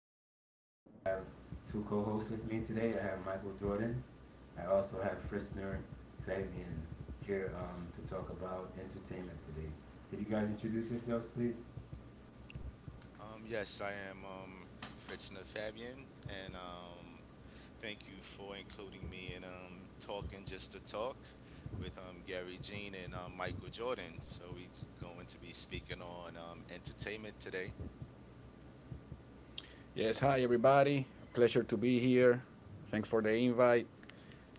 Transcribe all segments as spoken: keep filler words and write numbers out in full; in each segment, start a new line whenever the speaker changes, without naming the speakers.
to Talk. Um, I have two co hosts with me today. I have Michael Jordan. I also have Frischner Fabian here um, to talk about entertainment today. Could you guys introduce yourselves, please?
Um, yes, I am um, Fitzner Fabian, and um, thank you for including me in um, Talking Just to Talk with um, Gary Jean and um, Michael Jordan. So we're going to be speaking on um, entertainment today.
Yes, hi everybody. Pleasure to be here. Thanks for the invite.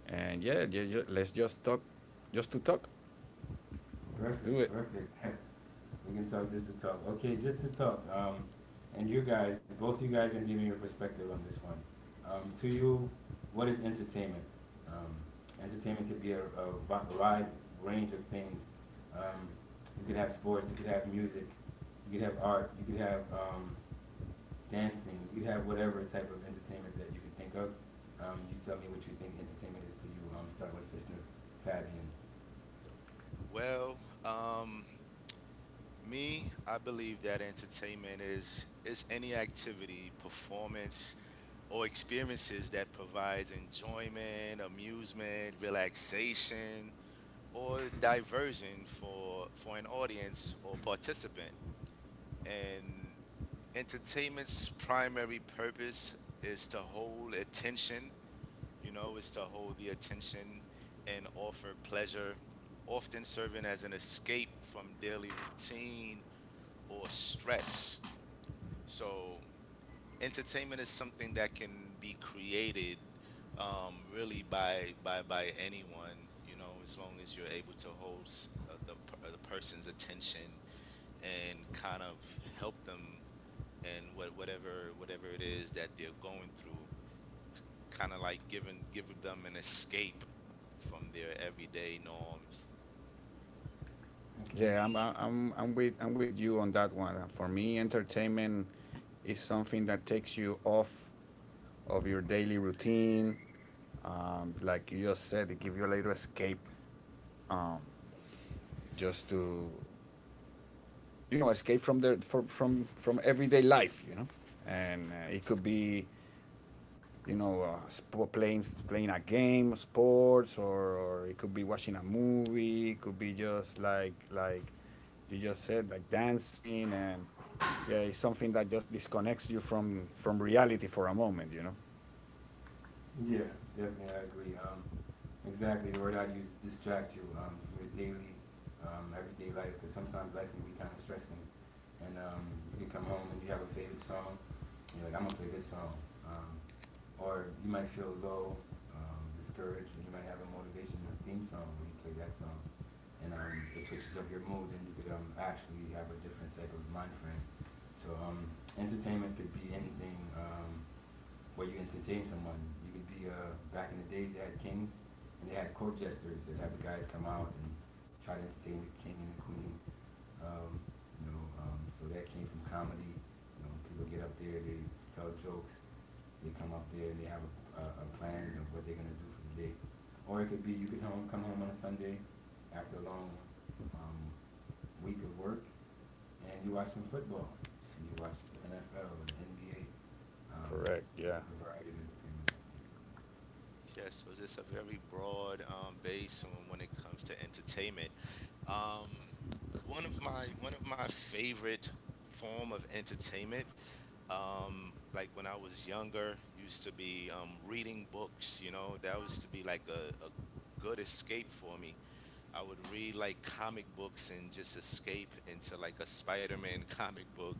And yeah, yeah, ju- let's just talk, just to talk. Let's
Perfect,
do it.
perfect. We can talk just to talk. Okay, just to talk. Um, and you guys, both you guys, can give me your perspective on this one. Um, to you, what is entertainment? Um, entertainment could be a, a wide range of things. Um, you could have sports. You could have music. You could have art. You could have um, dancing. You could have whatever type of entertainment that you could think of. Um, you tell me what you think entertainment is to you. Um, start with Fisner, Fabian.
Well, um, Me, I believe that entertainment is is any activity, performance, or experiences that provides enjoyment, amusement, relaxation, or diversion for for an audience or participant. And entertainment's primary purpose is to hold attention, you know, is to hold the attention and offer pleasure, often serving as an escape from daily routine or stress. So entertainment is something that can be created um, really by by by anyone, you know, as long as you're able to hold s- uh, the, per- the person's attention and kind of help them in what whatever whatever it is that they're going through, kind of like giving giving them an escape from their everyday norms.
Yeah,
Okay.
I'm, I'm, I'm I'm with, I'm with you on that one. Uh, For me, entertainment is something that takes you off of your daily routine. Um, like you just said, it gives you a little escape, um, just to, you know, escape from the from from, from everyday life. You know, and uh, it could be you know, uh, sp- playing playing a game, sports, or, or it could be watching a movie. It could be just like like you just said, like dancing, and yeah, it's something that just disconnects you from from reality for a moment. You know.
Yeah, definitely, I agree. Um, exactly, the word I'd use is distract you um, from your daily, um, everyday life, because sometimes life can be kind of stressing. And um, you can come home and you have a favorite song, and you're like, I'm gonna play this song. Um, or you might feel low, um, discouraged, and you might have a motivational theme song where you play that song, and um, it switches up your mood, and you could um, actually have a different type of mind frame. So um, entertainment could be anything. Um, where you entertain someone. You could be uh, back in the days they had kings and they had court jesters that have the guys come out and try to entertain the king and the queen. Um, you know, um, so that came from comedy. You know, people get up there, they tell jokes, they come up there and they have a, a, a plan of what they're gonna do for the day. Or it could be you could home, come home on a Sunday after a long um, week of work and you watch some football and you watch the N F L or the N B A. Um,
Correct.
so
Yeah.
there's a variety of entertainment, I think.
Yeah, so it's just a very broad um, base on when it comes to entertainment. Um, one of my One of my favorite form of entertainment, um, like when I was younger, used to be um, reading books. You know, that used to be like a, a good escape for me. I would read like comic books and just escape into like a Spider-Man comic book,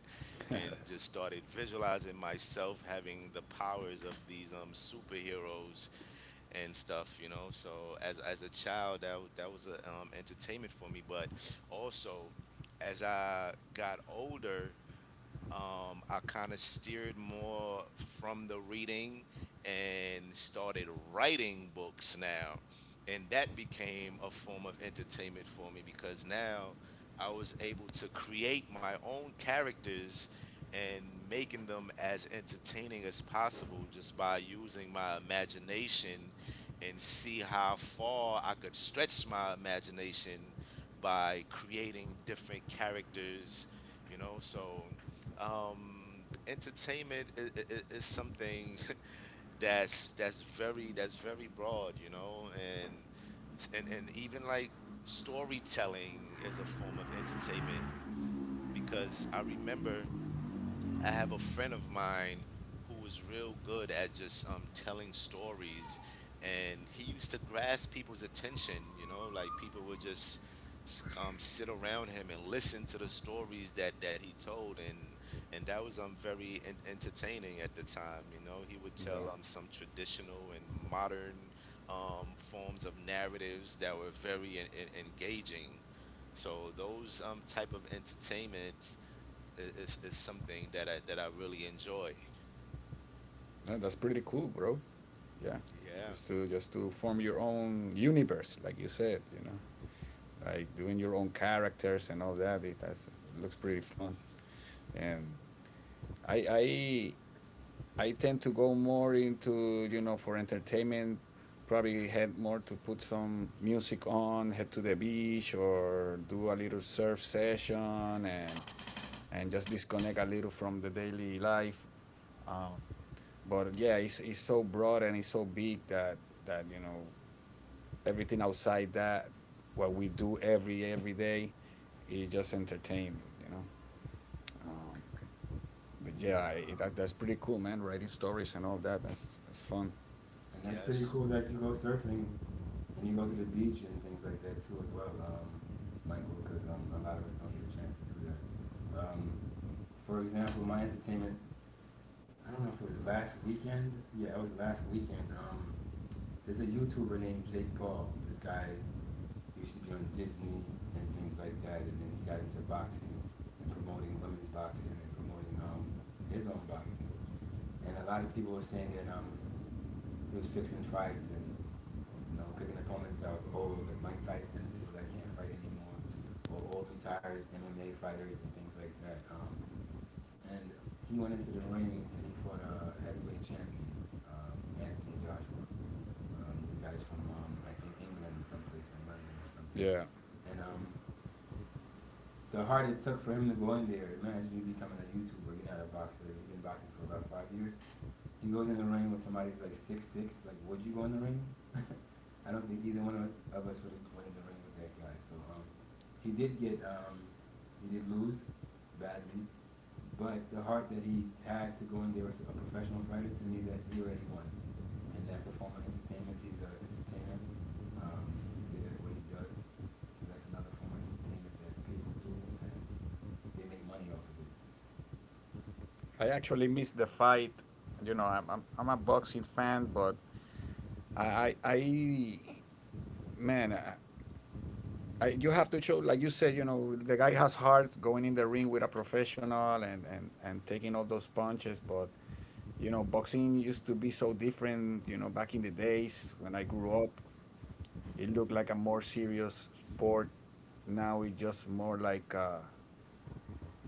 and just started visualizing myself having the powers of these um, superheroes and stuff, you know. So as as a child, that wa- that was a um, entertainment for me. But also, as I got older, um, I kind of steered more from the reading and started writing books now. And that became a form of entertainment for me because now I was able to create my own characters and making them as entertaining as possible just by using my imagination and see how far I could stretch my imagination by creating different characters, you know. So um entertainment is, is something that's that's very that's very broad, you know. And and and even like storytelling is a form of entertainment because I remember I have a friend of mine who was real good at just um, telling stories, and he used to grasp people's attention. You know, like people would just s- um, sit around him and listen to the stories that that he told, and and that was um very en- entertaining at the time. You know, he would
Yeah.
tell um some traditional and modern um, forms of narratives that were very en- en- engaging. So those um, type of entertainment i- is is something that I that I really enjoy.
Yeah, that's pretty cool, bro. Yeah.
Yeah.
Just to just to form your own universe, like you said. You know, like doing your own characters and all that. It that's, looks pretty fun. And I I I tend to go more into you know for entertainment. Probably head more to put some music on, head to the beach, or do a little surf session, and and just disconnect a little from the daily life. Um, but yeah, it's, it's so broad and it's so big that that you know everything outside that what we do every every day is just entertainment, you know. Um, but yeah,
Yeah.
I,
Um,
that, that's pretty cool, man. Writing stories and all that that's that's fun.
and that's pretty
Yes.
cool that you go surfing and you go to the beach and things like that too as well, um, Michael, because um, a lot of us don't get a chance to do that. Um, for example, my entertainment, I don't know if it was last weekend. Yeah, it was last weekend. Um, there's a YouTuber named Jake Paul. This guy used to be on Disney and things like that, and then he got into boxing and promoting women's boxing and promoting um, his own boxing and a lot of people were saying that um, he was fixing fights and you know picking opponents that was old, like Mike Tyson, people that can't fight anymore, or old retired M M A fighters and things like that. Um, and he went into the ring and he fought a heavyweight champion, um, Anthony Joshua. Um, this guy's from um, I think England, someplace in London or something.
Yeah.
And um, the hard it took for him to go in there, imagine you becoming a YouTuber. You're not a boxer. You've been boxing for about five years. He goes in the ring with somebody who's like six six. Like, would you go in the ring? I don't think either one of us, would have went in the ring with that guy. So um, he did get um, he did lose badly, but the heart that he had to go in there as a professional fighter to me that he already won, and that's a form of entertainment. He's an entertainer. Um, he's good at what he does, so that's another form of entertainment that people do, and they make money off of it.
I actually missed the fight. You know, I'm I'm, I'm a boxing fan, but I I, I man, I, I, you have to show, like you said, you know, the guy has heart going in the ring with a professional and and and taking all those punches. But you know, boxing used to be so different. You know, back in the days when I grew up, it looked like a more serious sport. Now it's just more like a,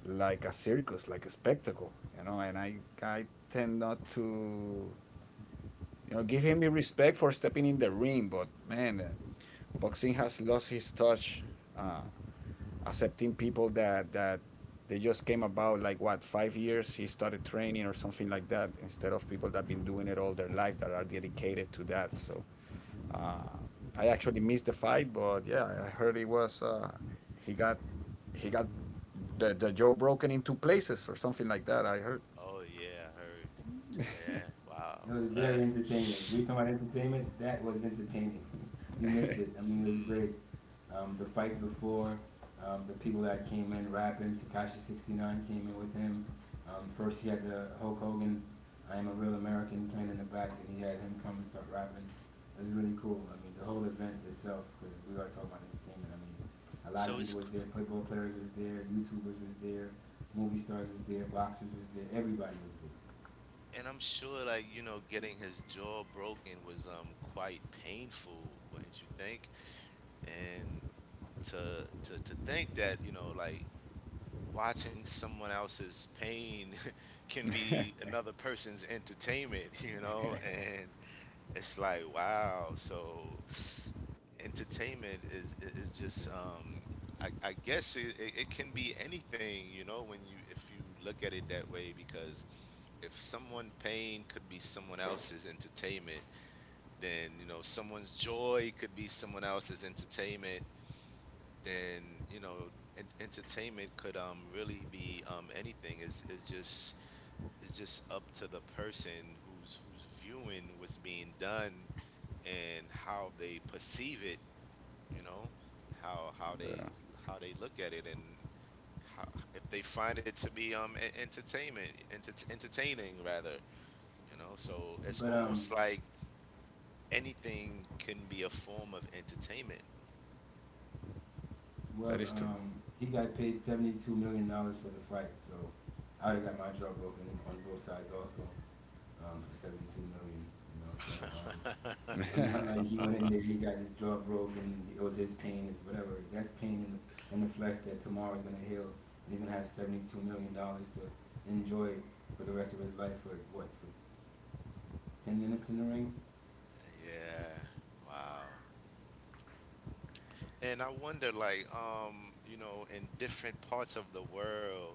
like a circus, like a spectacle. You know, and I I tend not to. You know, give him the respect for stepping in the ring, but man, uh, boxing has lost his touch. Uh, Accepting people that that they just came about like what five years he started training or something like that, instead of people that been doing it all their life that are dedicated to that. So uh, I actually missed the fight, but yeah, I heard it was uh, he got he got the the jaw broken in two places or something like that. I heard.
Oh yeah, I heard. Yeah,
It
wow.
was very
Uh,
entertaining. We talking about entertainment. That was entertaining. You missed it. I mean, it was great. Um, the fights before, um, the people that came in rapping. Takashi six nine came in with him. Um, first, he had the Hulk Hogan, "I Am a Real American" playing in the back, and he had him come and start rapping. It was really cool. I mean, the whole event itself, because we are talking about entertainment. I mean, a lot of
so it's
people
c-
was there. Football players was there. YouTubers was there. Movie stars was there. Boxers was there. Everybody was there.
and I'm sure, like, you know, getting his jaw broken was um quite painful, wouldn't you think? And to to to think that, you know, like watching someone else's pain can
Yeah,
be another person's entertainment, you know, and it's like wow. So entertainment is i- is just um I, I guess it, it it can be anything, you know, when you — if you look at it that way, because if someone pain could be someone else's entertainment, then, you know, someone's joy could be someone else's entertainment, then, you know, en- entertainment could um really be um anything. is is just — it's just up to the person who's who's viewing what's being done and how they perceive it, you know, how how they how they look at it and how, if they find it to be um en- entertainment enter- entertaining, rather, you know. So it's
But um,
almost like anything can be a form of entertainment.
Well,
that is true.
um, he got paid seventy-two million dollars for the fight, so I would have got my jaw broken on both sides also um, for seventy-two million dollars You know, so um, it's not like he went in there, he got his jaw broken, it was his pain, it's whatever. That's pain in the in the flesh that tomorrow's gonna heal, and he's gonna have seventy-two million dollars to enjoy for the rest of his life for what for ten minutes in the ring.
Yeah, wow. And I wonder like, um you know, in different parts of the world,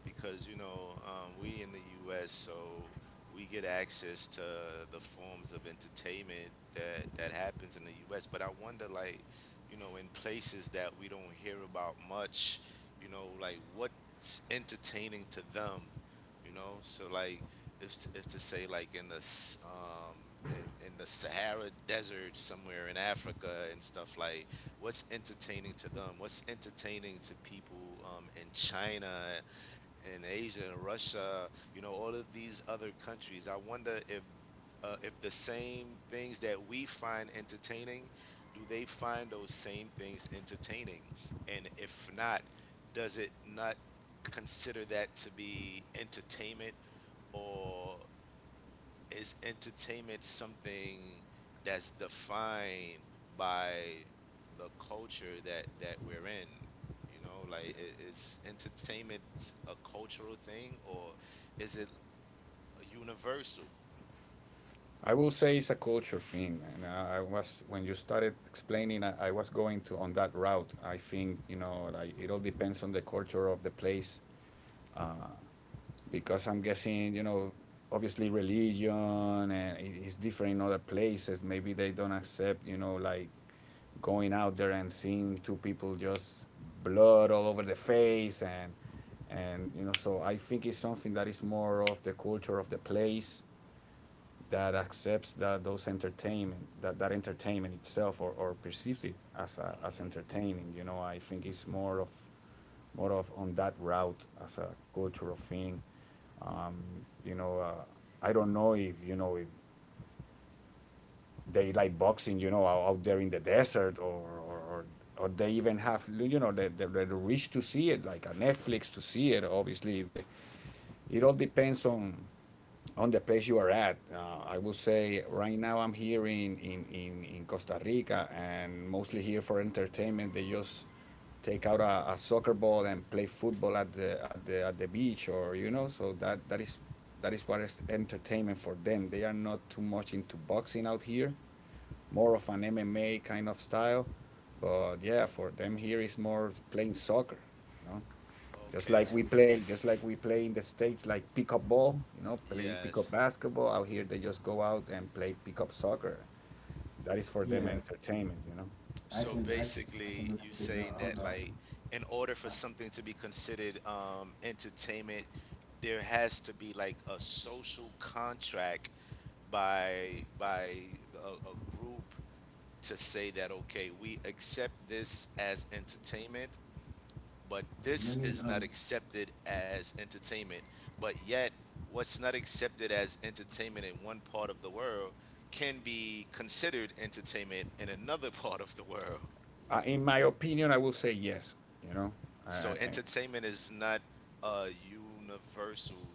because, you know, um, we in the U S, so we get access to the forms of entertainment that that happens in the U S. But I wonder, like, you know, in places that we don't hear about much, you know, like what's entertaining to them, you know? So like, if if to say like in the s- um in, in the Sahara Desert somewhere in Africa and stuff, like what's entertaining to them? What's entertaining to people um, in China, in Asia and Russia, you know, all of these other countries. I wonder if uh, if the same things that we find entertaining, do they find those same things entertaining? And if not, does it not consider that to be entertainment, or is entertainment something that's defined by the culture that that we're in, you know, like i- is entertainment a cultural thing, or is it universal?
I will say it's a culture thing, and uh, I was when you started explaining, I, I was going to on that route. I think you know, like it all depends on the culture of the place, uh, because I'm guessing you know, obviously religion and it- it's different in other places. Maybe they don't accept you know, like going out there and seeing two people just blood all over the face and and you know, so I think it's something that is more of the culture of the place that accepts that those entertainment that that entertainment itself or, or perceives it as a, as
Hmm.
entertaining. You know, I think it's more of more of on that route as a cultural thing. um, you know, uh, I don't know if you know if they like boxing you know out there in the desert or or, or or they even have you know the the they reach to see it, like a Netflix to see it. Obviously they it all depends on on the place you are at. Uh, I would say right now I'm here in, in, in, in Costa Rica, and mostly here for entertainment. They just take out a, a soccer ball and play football at the at the at the beach, or you know, so that that is that is what is entertainment for them. They are not too much into boxing out here, more of an MMA kind of style. But yeah, for them here is more playing soccer, you know. Just
Okay.
I,
like
S-
we play, just like we play in the States, like pickup ball, you know, play pickup
yes.
basketball. Out here, they just go out and play pickup soccer. That is for them
yeah,
entertainment, you know.
I
So
can I can I can
basically, you
relate to no.
saying
Hold
that
on,
like in order
I,
for something to be considered um, entertainment, there has to be like a social contract by by a, a group to say that, okay, we accept this as entertainment, but
let
this
me
is not
um.
accepted as entertainment. But yet, what's not accepted as entertainment in one part of the world can be considered entertainment in another part of the world.
Uh, in my opinion, I will say yes, you know. I, I,
So
I-
entertainment is not a universal.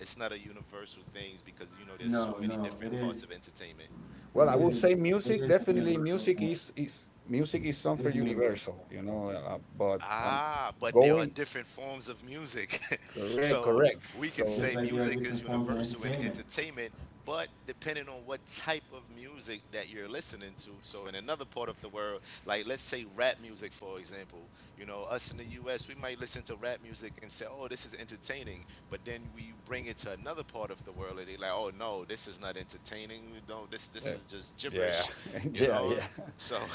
It's not a universal thing because, you know, there's so
No,
many
no, it
different
is
parts of entertainment.
well,
It
I will
is a
say
it
music.
is a
Definitely,
universal
music
thing.
is is music is
It
something
is a universal
universal,
thing,
you
bro.
know. Uh, uh, but I'm
Ah, but there are
going.
different forms of music.
Correct,
So
correct.
we can
So,
Just
say
like there are
music is
different forms of
universal in
entertainment.
entertainment, but depending on what type of music that you're listening to. So in another part of the world, like let's say rap music, for example, you know, us in the U S, we might listen to rap music and say, oh, this is entertaining. But then we — you bring it to another part of the world and they like, oh, no, this is not entertaining. No, this,
uh,
this is just
yeah,
gibberish, you
yeah,
know?
yeah.
So,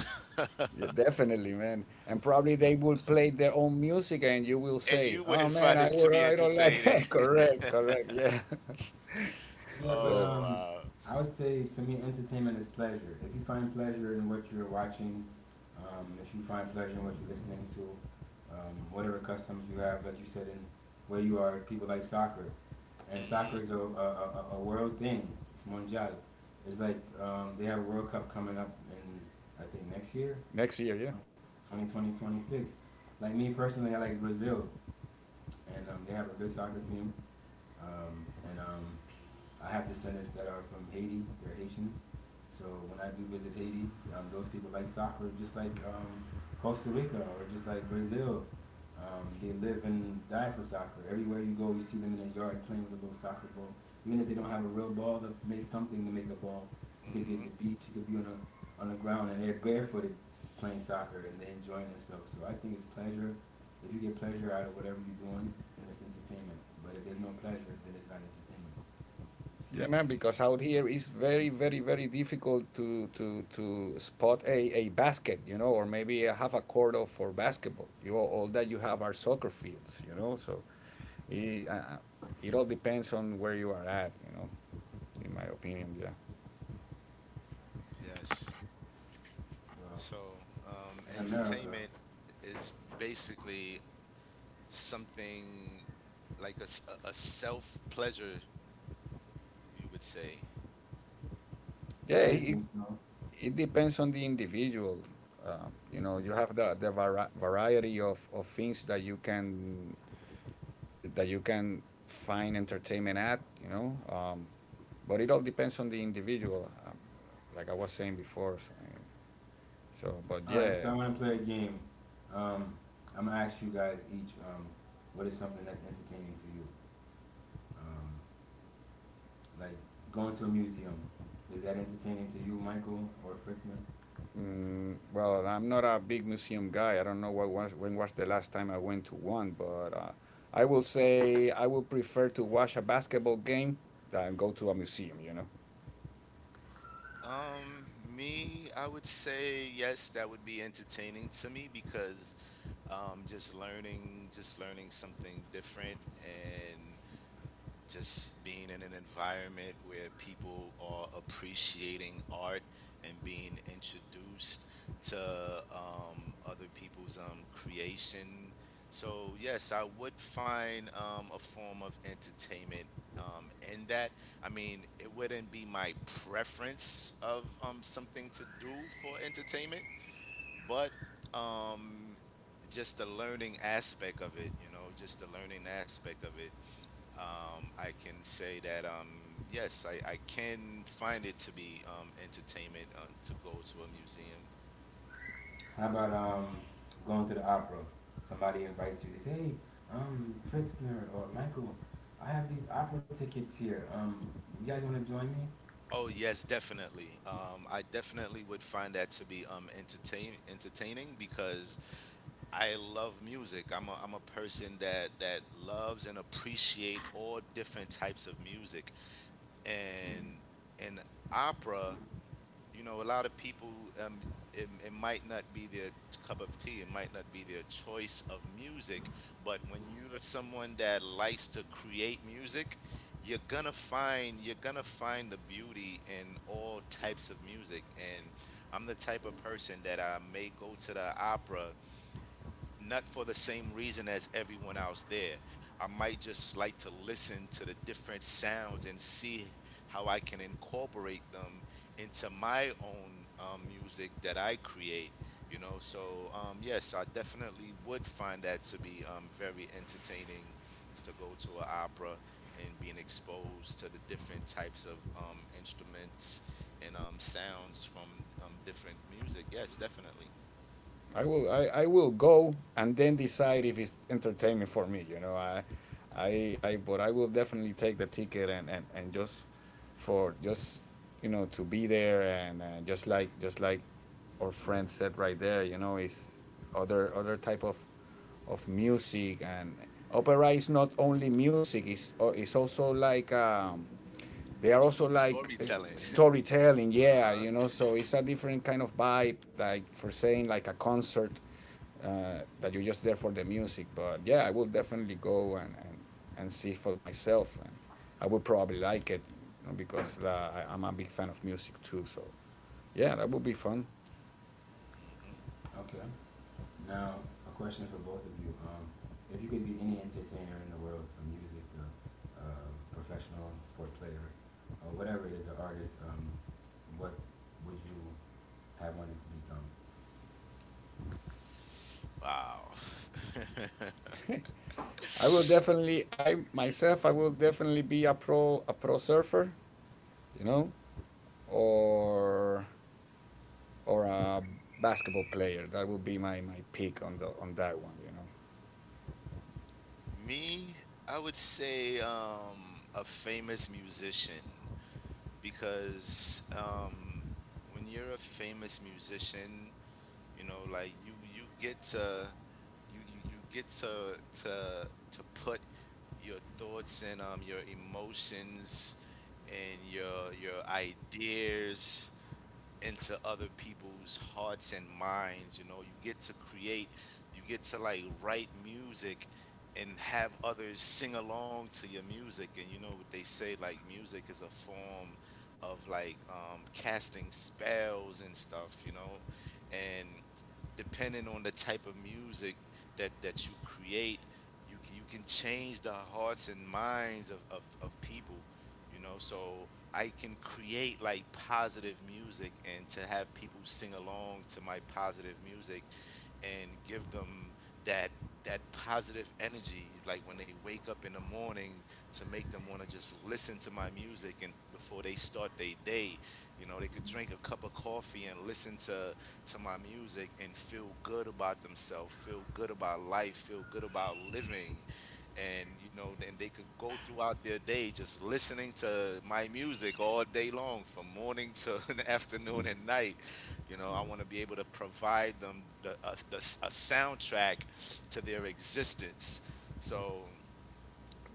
Yeah, definitely, man. And probably they will play their own music, and you will
and
say,
you
"Oh
wouldn't
man,
find
I
it to
would,
be
I don't like."
entertaining.
Correct, correct. Yeah.
Yeah, but
So
Oh,
um,
uh,
I would say to me, entertainment is pleasure. If you find pleasure in what you're watching, um, if you find pleasure in what you're listening to, um, whatever customs you have, like you said, in where you are, people like soccer, and
mm-hmm,
soccer is a, a, a, a a world thing. It's mondial. It's like um, they have a World Cup coming up in, I think, next year
next year, yeah.
Twenty twenty twenty six. Like me personally, I like Brazil, and um, they have a good soccer team, um, and um, I have descendants that are from Haiti. They're Haitians. So when I do visit Haiti, um, those people like soccer, just like um, Costa Rica or just like Brazil. Um, they live and die for soccer. Everywhere you go, you see them in their yard playing with a little soccer ball. Even if they don't have a real ball, they'll make something to make a ball. It could be at
mm-hmm,
the beach. It could be on a on the ground, and they're barefooted playing soccer and they're enjoying themselves. So I think it's pleasure. If you get pleasure out of whatever you're doing, then it's entertainment. But if there's no pleasure, then it's not entertainment.
Yeah, man. Because out here it's very, very, very difficult to to to spot a a basket, you know, or maybe a half a court of for basketball. You all that you have are soccer fields, you know. So it uh, uh, it all depends on where you are at, you know. In my opinion, yeah.
yes.
Well,
So, um,
in America,
entertainment is basically something like a, s- a- a self pleasure, you would say.
Yeah,
I
it,
think so.
it depends on the individual. Um, you know, you have the the vari- variety of, of things that you can that you can find entertainment at. You know, um, but it all depends on the individual. Um, like I was saying before. So, I mean, so but
All right, so
yeah.
I want to play a game. Um, I'm gonna ask you guys each um, what is something that's entertaining to you. Um, like going to a museum, is that entertaining to you, Michael or Fritzner?
Mm, well, I'm not a big museum guy. I don't know what was when was the last time I went to one, but uh, I will say I will prefer to watch a basketball game than go to a museum. You know.
Um, me, I would say yes, that would be entertaining to me because um, just learning, just learning something different and just being in an environment where people are appreciating art and being introduced to um, other people's um, creation. So yes, I would find um, a form of entertainment um, in that. I mean, it wouldn't be my preference of um, something to do for entertainment, but um, just the learning aspect of it, you know, just the learning aspect of it, um, I can say that, um, yes, I, I can find it to be um, entertainment uh, to go to a museum.
How about um, going to the opera? Somebody invites you. They say, "Hey, um, Fritzner or Michael, I have these opera tickets here. Um, you guys want to join me?"
Oh yes, definitely. Um, I definitely would find that to be um, entertain entertaining because I love music. I'm a, I'm a person that that loves and appreciate all different types of music, and and opera, you know, a lot of people, um, it, it might not be their cup of tea, it might not be their choice of music, but when you're someone that likes to create music, you're gonna find you're gonna find the beauty in all types of music. And I'm the type of person that I may go to the opera not for the same reason as everyone else there. I might just like to listen to the different sounds and see how I can incorporate them into my own um, music that I create. You know, so um, yes, I definitely would find that to be um, very entertaining to go to an opera and being exposed to the different types of um, instruments and um, sounds from um, different music. Yes, definitely.
I will I, I will go and then decide if it's entertaining for me. You know, I I I but I will definitely take the ticket and and, and just for just you know to be there and uh, just like just like our friend said right there. You know, it's other other type of of music, and opera is not only music. It's uh, it's also like um, they are also like uh,
Storytelling.
storytelling.
Uh
Yeah,
huh.
you know, so it's a different kind of vibe, like for saying like a concert uh, that you're just there for the music. But yeah, I will definitely go and and, and see for myself, and I would probably like it, you know, because uh, I, I'm a big fan of music too. So yeah, that would be fun.
Okay. Now, a question for both of you. Um, if you could be any entertainer in the world, from music to uh, professional sport player, or whatever it is, an artist, um, what would you have wanted to become?
Wow.
I will definitely. I myself, I will definitely be a pro a pro surfer, you know. or or a basketball player. That would be my my pick on the on that one. You know.
Me, I would say um, a famous musician because um, when you're a famous musician, you know, like you you get to you you, you get to to to put your thoughts and um, your emotions and your your ideas into other people's hearts and minds. You know, you get to create. You get to like write music and have others sing along to your music. And you know what they say, like music is a form of like um, casting spells and stuff, you know. And depending on the type of music that that you create, you can, you can change the hearts and minds of, of, of people, you know. So I can create like positive music and to have people sing along to my positive music and give them that that positive energy, like when they wake up in the morning, to make them want to just listen to my music. And before they start their day, you know, they could drink a cup of coffee and listen to to my music and feel good about themselves, feel good about life, feel good about living. And you know, and they could go throughout their day just listening to my music all day long, from morning to an
Mm.
afternoon and night. You know, I want to be able to provide them the, a, the, a soundtrack to their existence. So,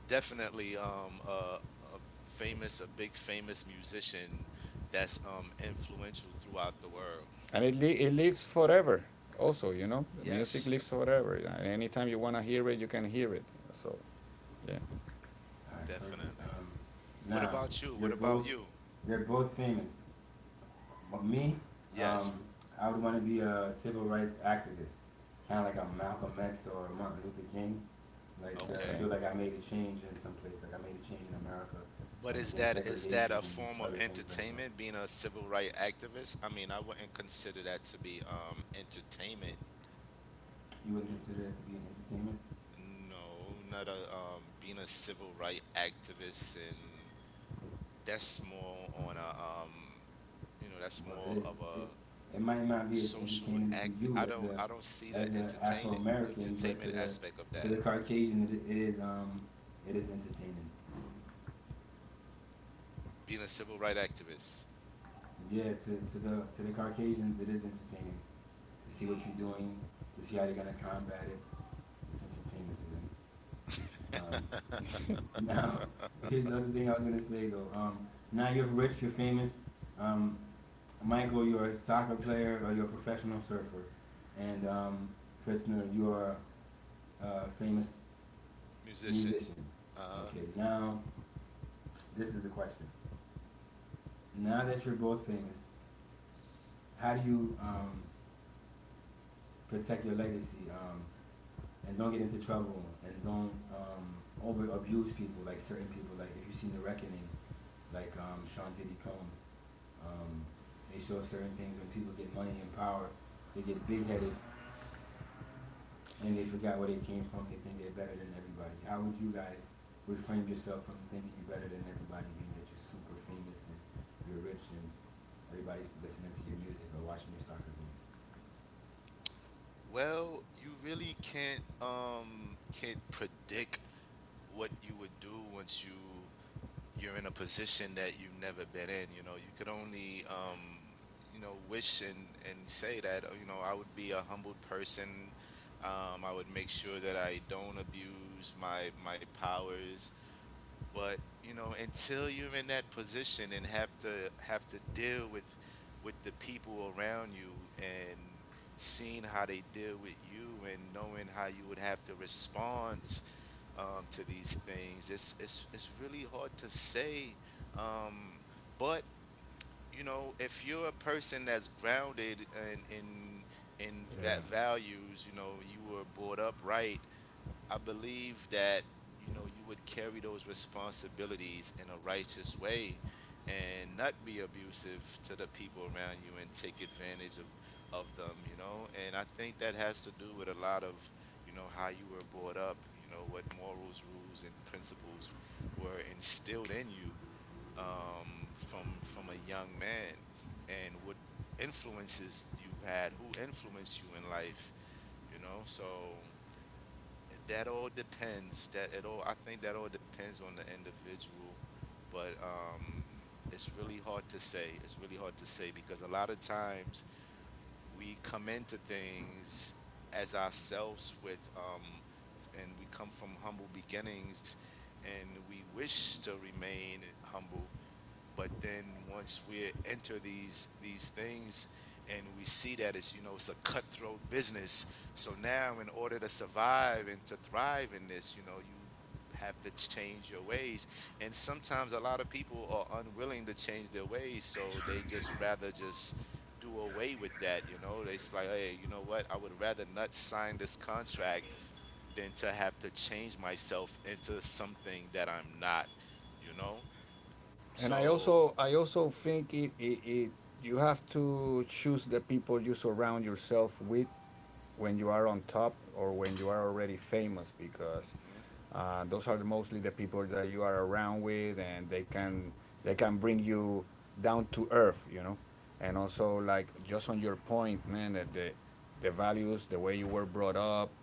definitely um, a, a famous, a big famous musician that's um, influential throughout the world.
And it li- it lives forever. Also, you know, the music
Yes,
lives forever. Anytime you wanna hear it, you can hear it. So yeah,
All right, perfect.
definitely.
Um,
What
now,
about you? What
you're
about
both
you
you're both famous. But me,
yes.
um, I would want to be a civil rights activist, kind of like a Malcolm X or Martin Luther King. Like to
Okay.
okay,
feel like I made a change in some place, like I made a change in America,
But
um,
is
against
that is that
segregation
a
and
form of
other things like that.
entertainment? Being a civil rights activist? I mean, I wouldn't consider that to be um, entertainment.
You wouldn't consider that to be an entertainment?
No, not a um, being a civil rights activist, and that's more on a um, you know, that's
Well,
more
it is.
of
It
a
it might not be as
social
entertaining to
act. I
you as
don't
a
I don't see the
as an Afro
entertain
American, but to
entertainment
the
aspect of
to
that.
the Caucasian, it, it is um it is entertaining.
Being a civil rights activist,
Yeah, to, to the to the Caucasians, it is entertaining to see what you're
mm,
doing, to see how they're gonna combat it. It's entertaining to them. Um, Now, here's the other thing I was gonna say though. Um, now you're rich, you're famous. Um, Michael, you're a soccer player or you're a professional surfer, and um, Fritzner, you are a famous
musician.
musician.
Uh,
Okay, now this is the question. Now that you're both famous, how do you um, protect your legacy um, and don't get into trouble and don't um, over abuse people like certain people? Like if you've seen The Reckoning like um, Sean Diddy Combs. Um, they show certain things when people get money and power, they get big headed and they forgot where they came from. They think they're better than everybody. How would you guys reframe yourself from thinking you're better than everybody, being that you're super famous and you're rich and everybody's listening to your music or watching your soccer games?
well, you really can't um, can't predict what you would do once you you're in a position that you've never been in. You know, you could only um, you know, wish and and say that uh, you know, I would be a humbled person. Um, I would make sure that I don't abuse my my powers. But you know, until you're in that position and have to have to deal with with the people around you, and seeing how they deal with you and knowing how you would have to respond um, to these things, it's it's it's really hard to say. Um, but you know, if you're a person that's grounded in in in va-
yeah.
values, you know, you were brought up right, I believe that you know, you would carry those responsibilities in a righteous way and not be abusive to the people around you and take advantage of of them, you know. And I think that has to do with a lot of, you know, how you were brought up, you know, what morals, rules and principles were instilled in you um, from from a young man, and what influences you had, who influenced you in life, you know. So, that all depends. That it all I think that all depends on the individual. But um, it's really hard to say. It's really hard to say, because a lot of times we come into things as ourselves with um, and we come from humble beginnings and we wish to remain humble. But then, once we enter these these things and we see that, it's, you know, it's a cutthroat business. So now, in order to survive and to thrive in this, you know, you have to change your ways. And sometimes a lot of people are unwilling to change their ways, so they just rather just do away with that. You know, it's like, hey, you know what, I would rather not sign this contract than to have to change myself into something that I'm not, you know.
And I
So,
also, I also think it it, it you have to choose the people you surround yourself with when you are on top or when you are already famous. Because
mhm.
Uh, those are mostly the people that you are around with, and they can they can bring you down to earth, you know. And also, like just on your point, man, that the the values, the way you were brought up,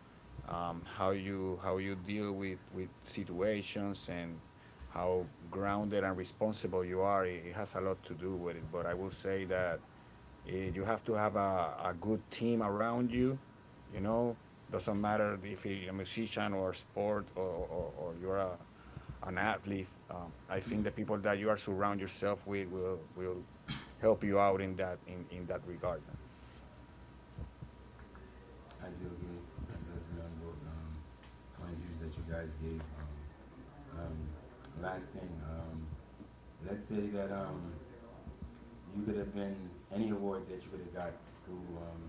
um, how you how you deal with with situations, and how grounded and responsible you are, it, it has a lot to do with it. But I will say that. Eh, you have to have a, a good team around you. You know, doesn't matter if you're a musician or sport or, or, or you're a, an athlete. Um, I think the people that you are surround yourself with will will help you out in that in, in that regard, man.
I do agree. I do agree on both um, point of views that you guys gave. Um, um, last thing, um, let's say that um, you could have been any award that you could have got through, um,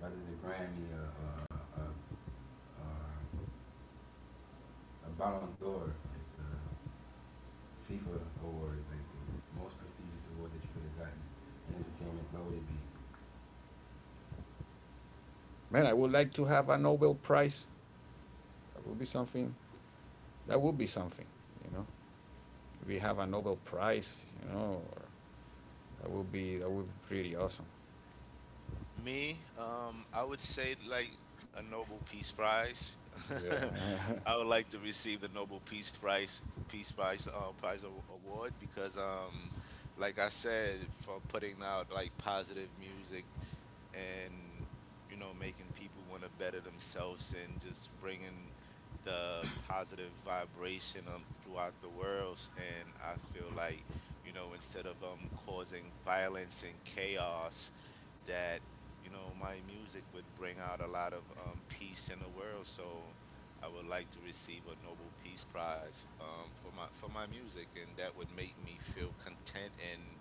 whether it's a Grammy, a, a, a, a, Ballon d'Or, like the FIFA award, like the most prestigious award that you could have gotten in entertainment, what would it be?
Man, I would like to have a Nobel Prize. That would be something. That would be something. You know, we have a Nobel Prize. You know, or that would be that would be pretty awesome.
Me, um, I would say like a Nobel Peace Prize.
Yeah.
I would like to receive the Nobel Peace Prize, Peace Prize, uh, Prize, aw- Award, because um, like I said, for putting out like positive music, and you know, making people want to better themselves, and just bringing the positive vibration um, throughout the world. And I feel like, you know, instead of um, causing violence and chaos, that, you know, my music would bring out a lot of um, peace in the world. So I would like to receive a Nobel Peace Prize um, for my for my music, and that would make me feel content and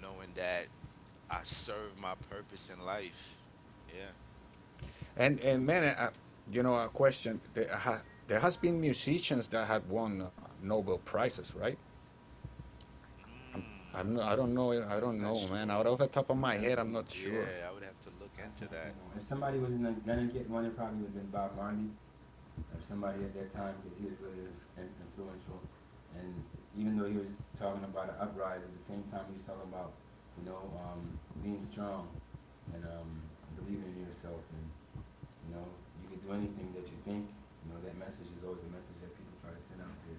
knowing that I serve my purpose in life. Yeah.
And and man, I, you know, a question. There, ha, there has been musicians that have won uh, Nobel prizes, right? I'm,
Mm,
I'm not, I don't
Um,
know. I
I'm
don't
not
know, man. Out
sure.
of the top of
I would
my
have
head,
to.
I'm
l-
not sure.
Yeah, I would have to look
I
into
can't think
that.
of one. If somebody was going gonna get one, it probably would have been Bob Marley, of somebody at that time because he was really inf- influential. And even though he was talking about an uprising, at the same time he was talking about, you know, um, being strong and um, believing in yourself and you know, you can do anything that you think. You know, that message is always a message that people try to send out there.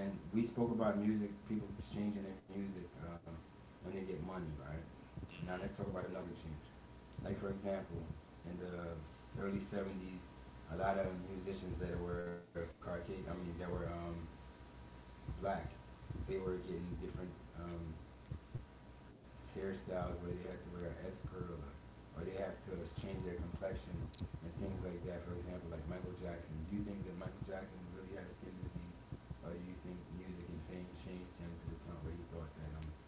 And we spoke about music, people changing their music um, when they get money, right? Now let's talk
Mm-hmm.
about another change. Like for example, in the early seventies, a lot of musicians that were Caucasian, I mean, that were um, black, they were getting different um, hairstyles where they have to wear an escort or, or they have to change their complexion and things like that. For example, like Michael Jackson. Do you think that Michael Jackson really had a skin disease, or do you think music and fame changed him to the point where he thought that um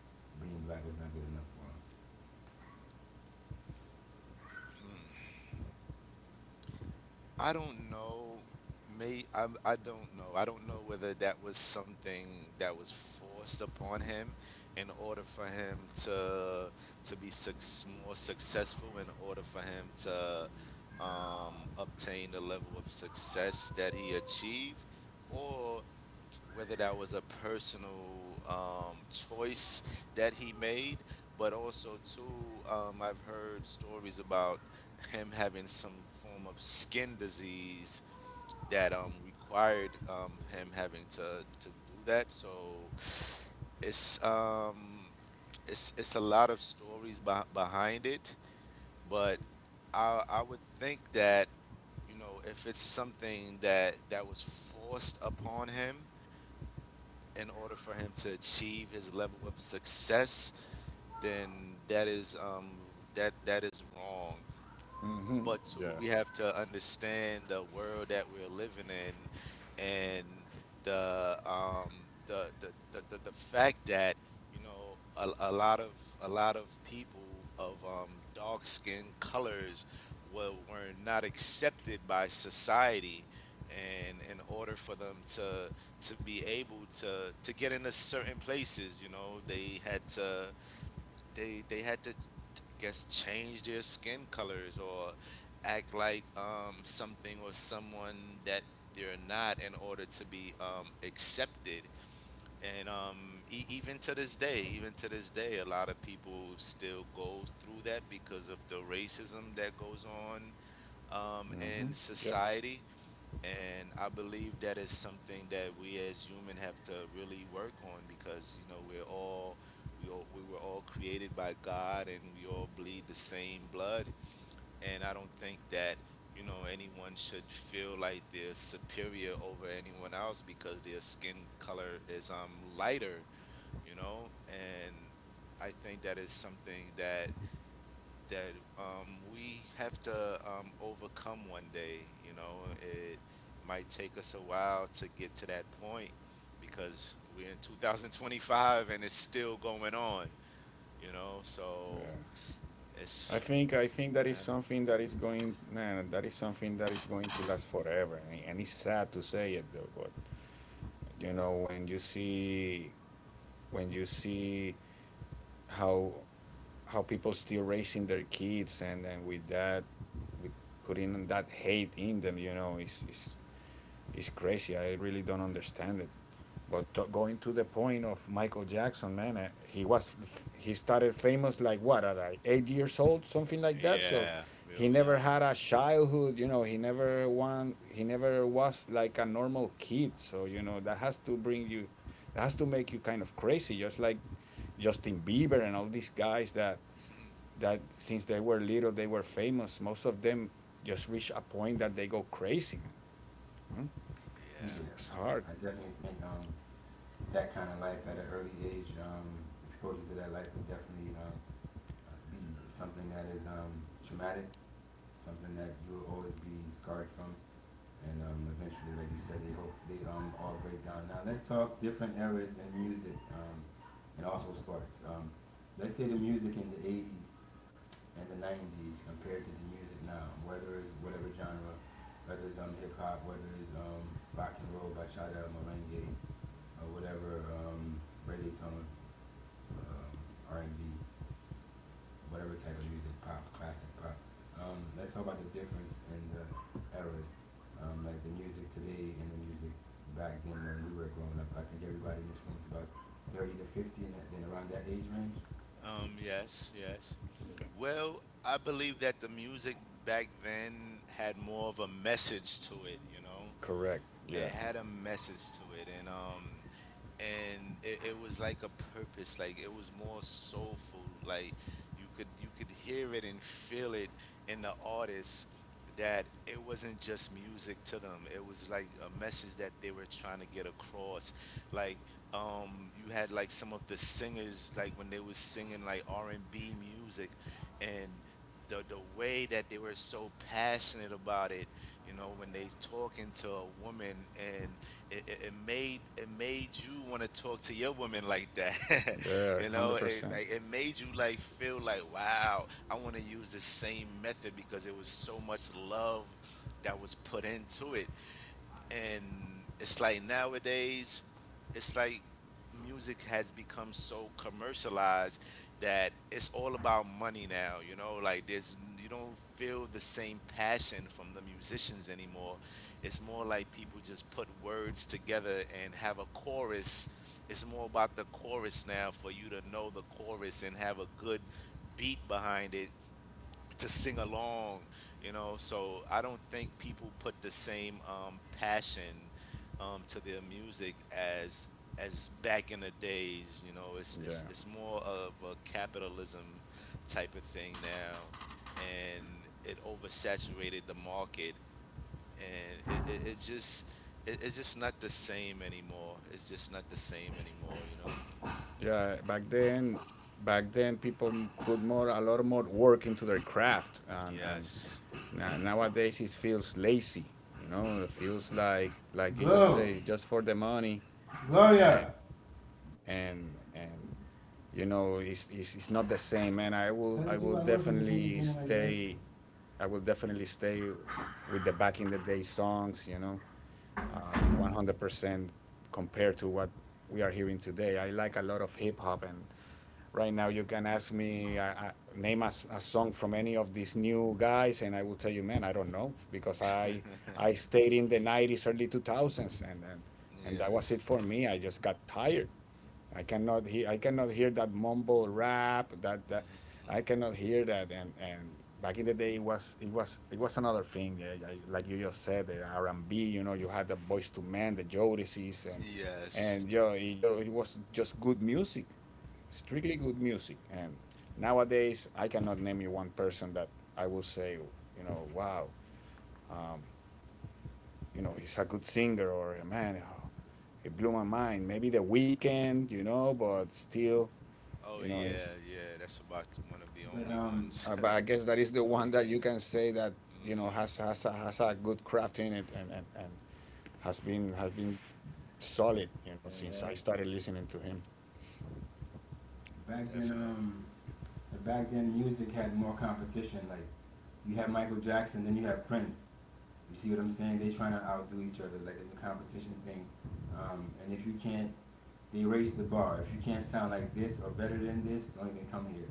being black was not good enough for him?
I don't know. May I, I don't know. I don't know whether that was something that was forced upon him in order for him to to be suc more successful, in order for him to um, obtain the level of success that he achieved, or whether that was a personal um, choice that he made. But also too, um, I've heard stories about him having some form of skin disease that um, required um, him having to to do that. So, it's um, it's it's a lot of stories beh behind it. But I I would think that, you know, if it's something that that was forced upon him in order for him to achieve his level of success, then that is um that that is wrong.
Hmm.
But two,
Yeah.
we have to understand the world that we're living in and the um the the the, the, the fact that, you know, a a lot of a lot of people of um dark skin colors were were not accepted by society, and in order for them to to be able to to get into certain places, you know, they had to they they had to guess change their skin colors, or act like um, something or someone that they're not, in order to be um, accepted. And um, e- even to this day, even to this day a lot of people still go through that, because of the racism that goes on um,
Hmm.
in
Yeah.
society. And I believe that is something that we as human have to really work on, because you know, we're all we all we were all created by God and we all bleed the same blood. And I don't think that, you know, anyone should feel like they're superior over anyone else because their skin color is um lighter, you know. And I think that is something that that um, we have to um, overcome one day. You know, it might take us a while to get to that point, because we're in two thousand twenty-five and it's still going on. You know,
Yeah.
so
I
it's
think I think that is
uh,
something that is going, man. That is something that is going to last forever, and, and it's sad to say it, though. But you know, when you see when you see how how people still raising their kids and then with that with putting that hate in them, you know, is is is crazy. I really don't understand it. But to, going to the point of Michael Jackson, man, uh, he was he started famous like, what, at like eight years old, something like that. So
yeah,
he
real
never
young.
had a childhood. You know, he never won he never was like a normal kid, so you know that has to bring you that has to make you kind of crazy. Just like Justin Bieber and all these guys that that since they were little they were famous, most of them just reach a point that they go crazy, man. Hmm? it's,
Yeah,
it's hard.
I definitely think um that kind of life at an early age, um exposure to that life would definitely um be something that is um traumatic, something that you will always be scarred from and um, eventually, like you said, they hope they um, all break down. Now let's talk different eras in music um, and also sports. Um, let's say the music in the eighties and the nineties compared to the music now, whether it's whatever genre, whether it's um, hip hop, whether it's um, rock and roll, bachata, merengue, or whatever um, reggaeton, um, R and B whatever type of music, pop, classic pop. Um, let's talk about the difference in the eras, um, like the music today and the music back then when we were growing up. I think everybody in this room is about thirty to fifty and that- then around that age range.
Yeah. Um, yes, yes. Well, I believe that the music back then had more of a message to it, you know?
Correct. Yeah,
It had a message to it. And um, and it, it was like a purpose. Like it was more soulful. Like you could you could hear it and feel it in the artist. That it wasn't just music to them. It was like a message that they were trying to get across. Like um you had like some of the singers, like when they was singing like R and B music. And the the way that they were so passionate about it, you know, when they talking to a woman, and it, it, it made, it made you want to talk to your woman like that.
yeah,
You know, it,
a hundred percent.
like, it made you like feel like, wow, I want to use the same method, because it was so much love that was put into it. And it's like, nowadays, it's like music has become so commercialized that it's all about money now, you know. Like, there's, you don't feel the same passion from the musicians anymore. It's more like people just put words together and have a chorus. It's more about the chorus now, for you to know the chorus and have a good beat behind it to sing along, you know. So, I don't think people put the same um, passion um, to their music as as back in the days. You know, it's it's
Yeah,
it's more of a capitalism type of thing now, and it oversaturated the market, and it it, it just, it, it's just not the same anymore. It's just not the same anymore. You know.
yeah, back then, back then people put more a lot more work into their craft, and and
Yes.
na- nowadays it feels lazy. You know, it
Hmm.
feels like like you just
Glow,
say just for the money. and
Gloria.
and, and you know, it's, it's it's not the same, man. i will
Tell
i
these people
will
I'm working. They can't be
definitely
doing it like that.
stay I will definitely stay with the back in the day songs, you know, uh, one hundred percent compared to what we are hearing today. I like a lot of hip hop, and right now you can ask me, I, I, name a, s- a song from any of these new guys, and I will tell you, man, I don't know, because I I stayed in the nineties, early two thousands, and, and, and that was
Yes.
it for me. I just got tired. I cannot hear. I cannot hear that mumble rap. That, that I cannot hear that. And and back in the day, it was it was it was another thing. eh, I- Like you just said, the R and B. You know, you had the Boys to Men, the Jodices, and
Yes.
and yo, it, jo- it was just good music, strictly good music. And nowadays, I cannot name you one person that I will say, you know, wow, um, you know, he's a good singer. Or, man, oh, it blew my mind. Maybe The Weekend, you know, but still,
Oh
you know,
yeah,
it's,
yeah. That's about one of the
But
uh,
only
um,
ones.
uh, but I
The
guess that is the one that you
Weekend.
can say that, you know,
Mhm.
has has a, has a good craft in it, and and and has been has been solid. You know, since I
Mhm.
started listening to him.
back then,
Definitely.
um, the back then music had more competition. Like you had Michael Jackson, then you had Prince. You see what I'm saying? They're trying to outdo each other. Like it's a competition thing. Um, and if you can't, they raise the bar. If you can't sound like this or better than this, don't even come here.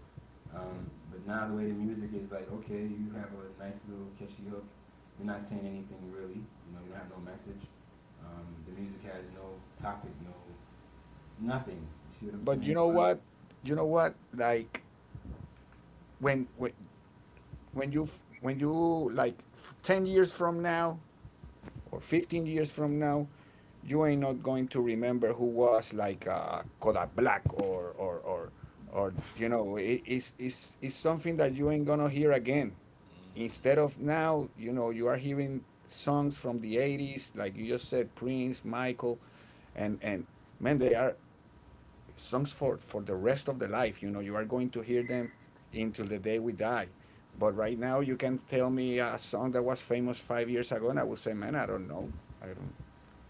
Um, but now the way the music is like, okay, you have a nice little catchy hook. You're not saying anything really. You know, you don't have no message. Um, the music has no topic, no nothing. You see what I'm
But you
saying?
know
But
what? You know what? Like, when when when you f- when you like f- ten years from now, or fifteen years from now, you ain't not going to remember who was like, uh, Kodak Black, or or or or you know, it, it's it's it's something that you ain't gonna hear again. Instead
Mm.
of now, you know, you are hearing songs from the eighties, like you just said, Prince, Michael, and and man, they are songs for for the rest of the life. You know, you are going to hear them until the day we die. But right now, you can tell me a song that was famous five years ago, and I would say, man, I don't know. I don't.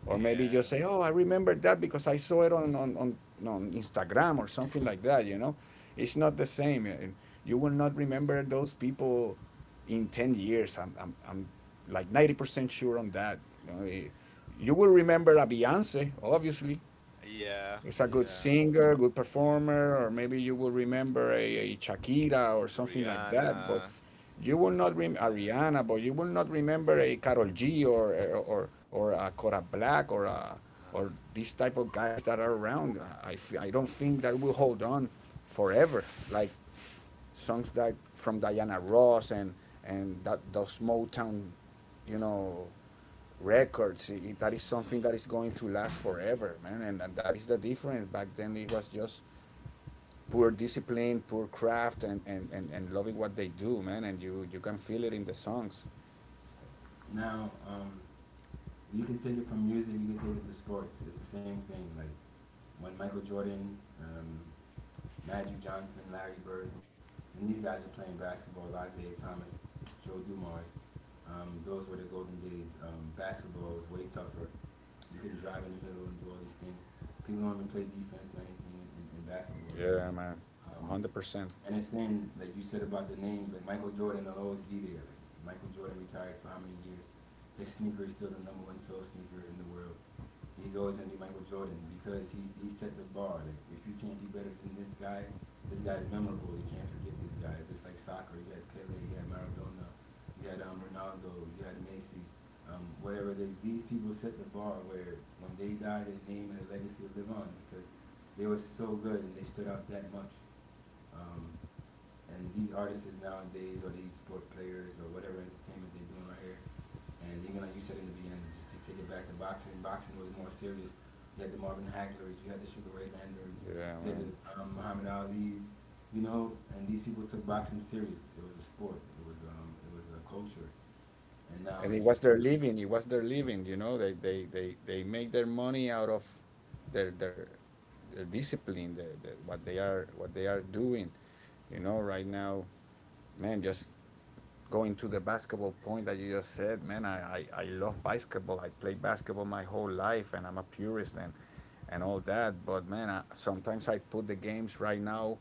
Or maybe just
Yeah.
say, oh, I remember that because I saw it on, on, on, on Instagram or something like that, you know? It's not the same. And you will not remember those people in ten years. I'm, I'm, I'm like ninety percent sure on that. You know. Eh, you will remember a Beyonce, obviously.
Yeah.
It's a good
Yeah.
singer, good
Yeah.
performer, or maybe you will remember a, a Shakira or something like that. But
Rihanna.
you will not remember
Uh,
Ariana. But you will not remember a Carol G, or or or a Cora Black, or a, or these type of guys that are around. I, f- I don't think that will hold on forever. Like songs that from Diana Ross and and that those Motown, you know, records. I- that is something
mhm.
that is going to last forever, man. And, and that is the difference. Back then it was just poor discipline, poor craft, and, and, and, and loving what they do, man. And you, you can feel it in the songs.
now um, you can take it from music. You can take it to sports. It's the same thing. Like when Michael Jordan. Um, Magic Johnson, Larry Bird, and these guys were playing basketball. Isaiah Thomas, Joe Dumars. Um, those were the golden days. Um, basketball was way tougher. You couldn't drive in the middle and do all these things. People don't even play defense or anything in, in, in basketball
Yeah,
anymore.
man.
Um,
a hundred percent.
and it's saying like you said about the names, like Michael Jordan will always be there. Like Michael Jordan retired for how many years? His sneaker is still the number one sold sneaker in the world. He's always gonna be Michael Jordan because he he set the bar. Like if you can't be better than this guy, this guy's memorable. You can't forget this guy. It's just like soccer. You had Pele, you had Maradona, you had um, Ronaldo, you had Messi. Um, whatever it is, these people set the bar where when they die, their name and their legacy will live on because they were so good and they stood out that much. Um, and these artists nowadays, or these sport players, or whatever entertainment they're doing right here, and even like you said in the beginning, just to take it back to boxing, boxing was more serious. You had the Marvin Haglers, you had the Sugar Ray Leonard's,
Yeah,
you had
man.
the um, Muhammad Ali's, you know, and these people took boxing serious. It was a sport. It was um, it was a culture. And now
And it
it's
was
just.
their living. It was their living, you know. They they they they make their money out of their their their discipline, the, the, what they are what they are doing. You know, right now, man, just going to the basketball point that you just said, man, I, I, I love basketball. I played basketball my whole life, and I'm a purist, and, and all that. But, man, I, sometimes I put the games right now,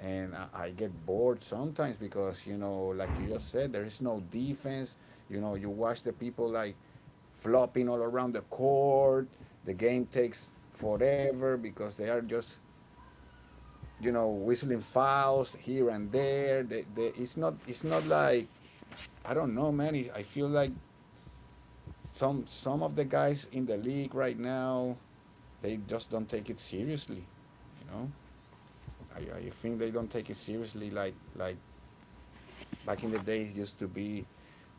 and I, I get bored sometimes because, you know, like you just said, there is no defense. You know, you watch the people like flopping all around the court. The game takes forever because they are just, you know, whistling fouls here and there. They, they, it's not it's not like, I don't know, man. I feel like some some of the guys in the league right now, they just don't take it seriously. You know, I, I think they don't take it seriously like like back in the days used to be.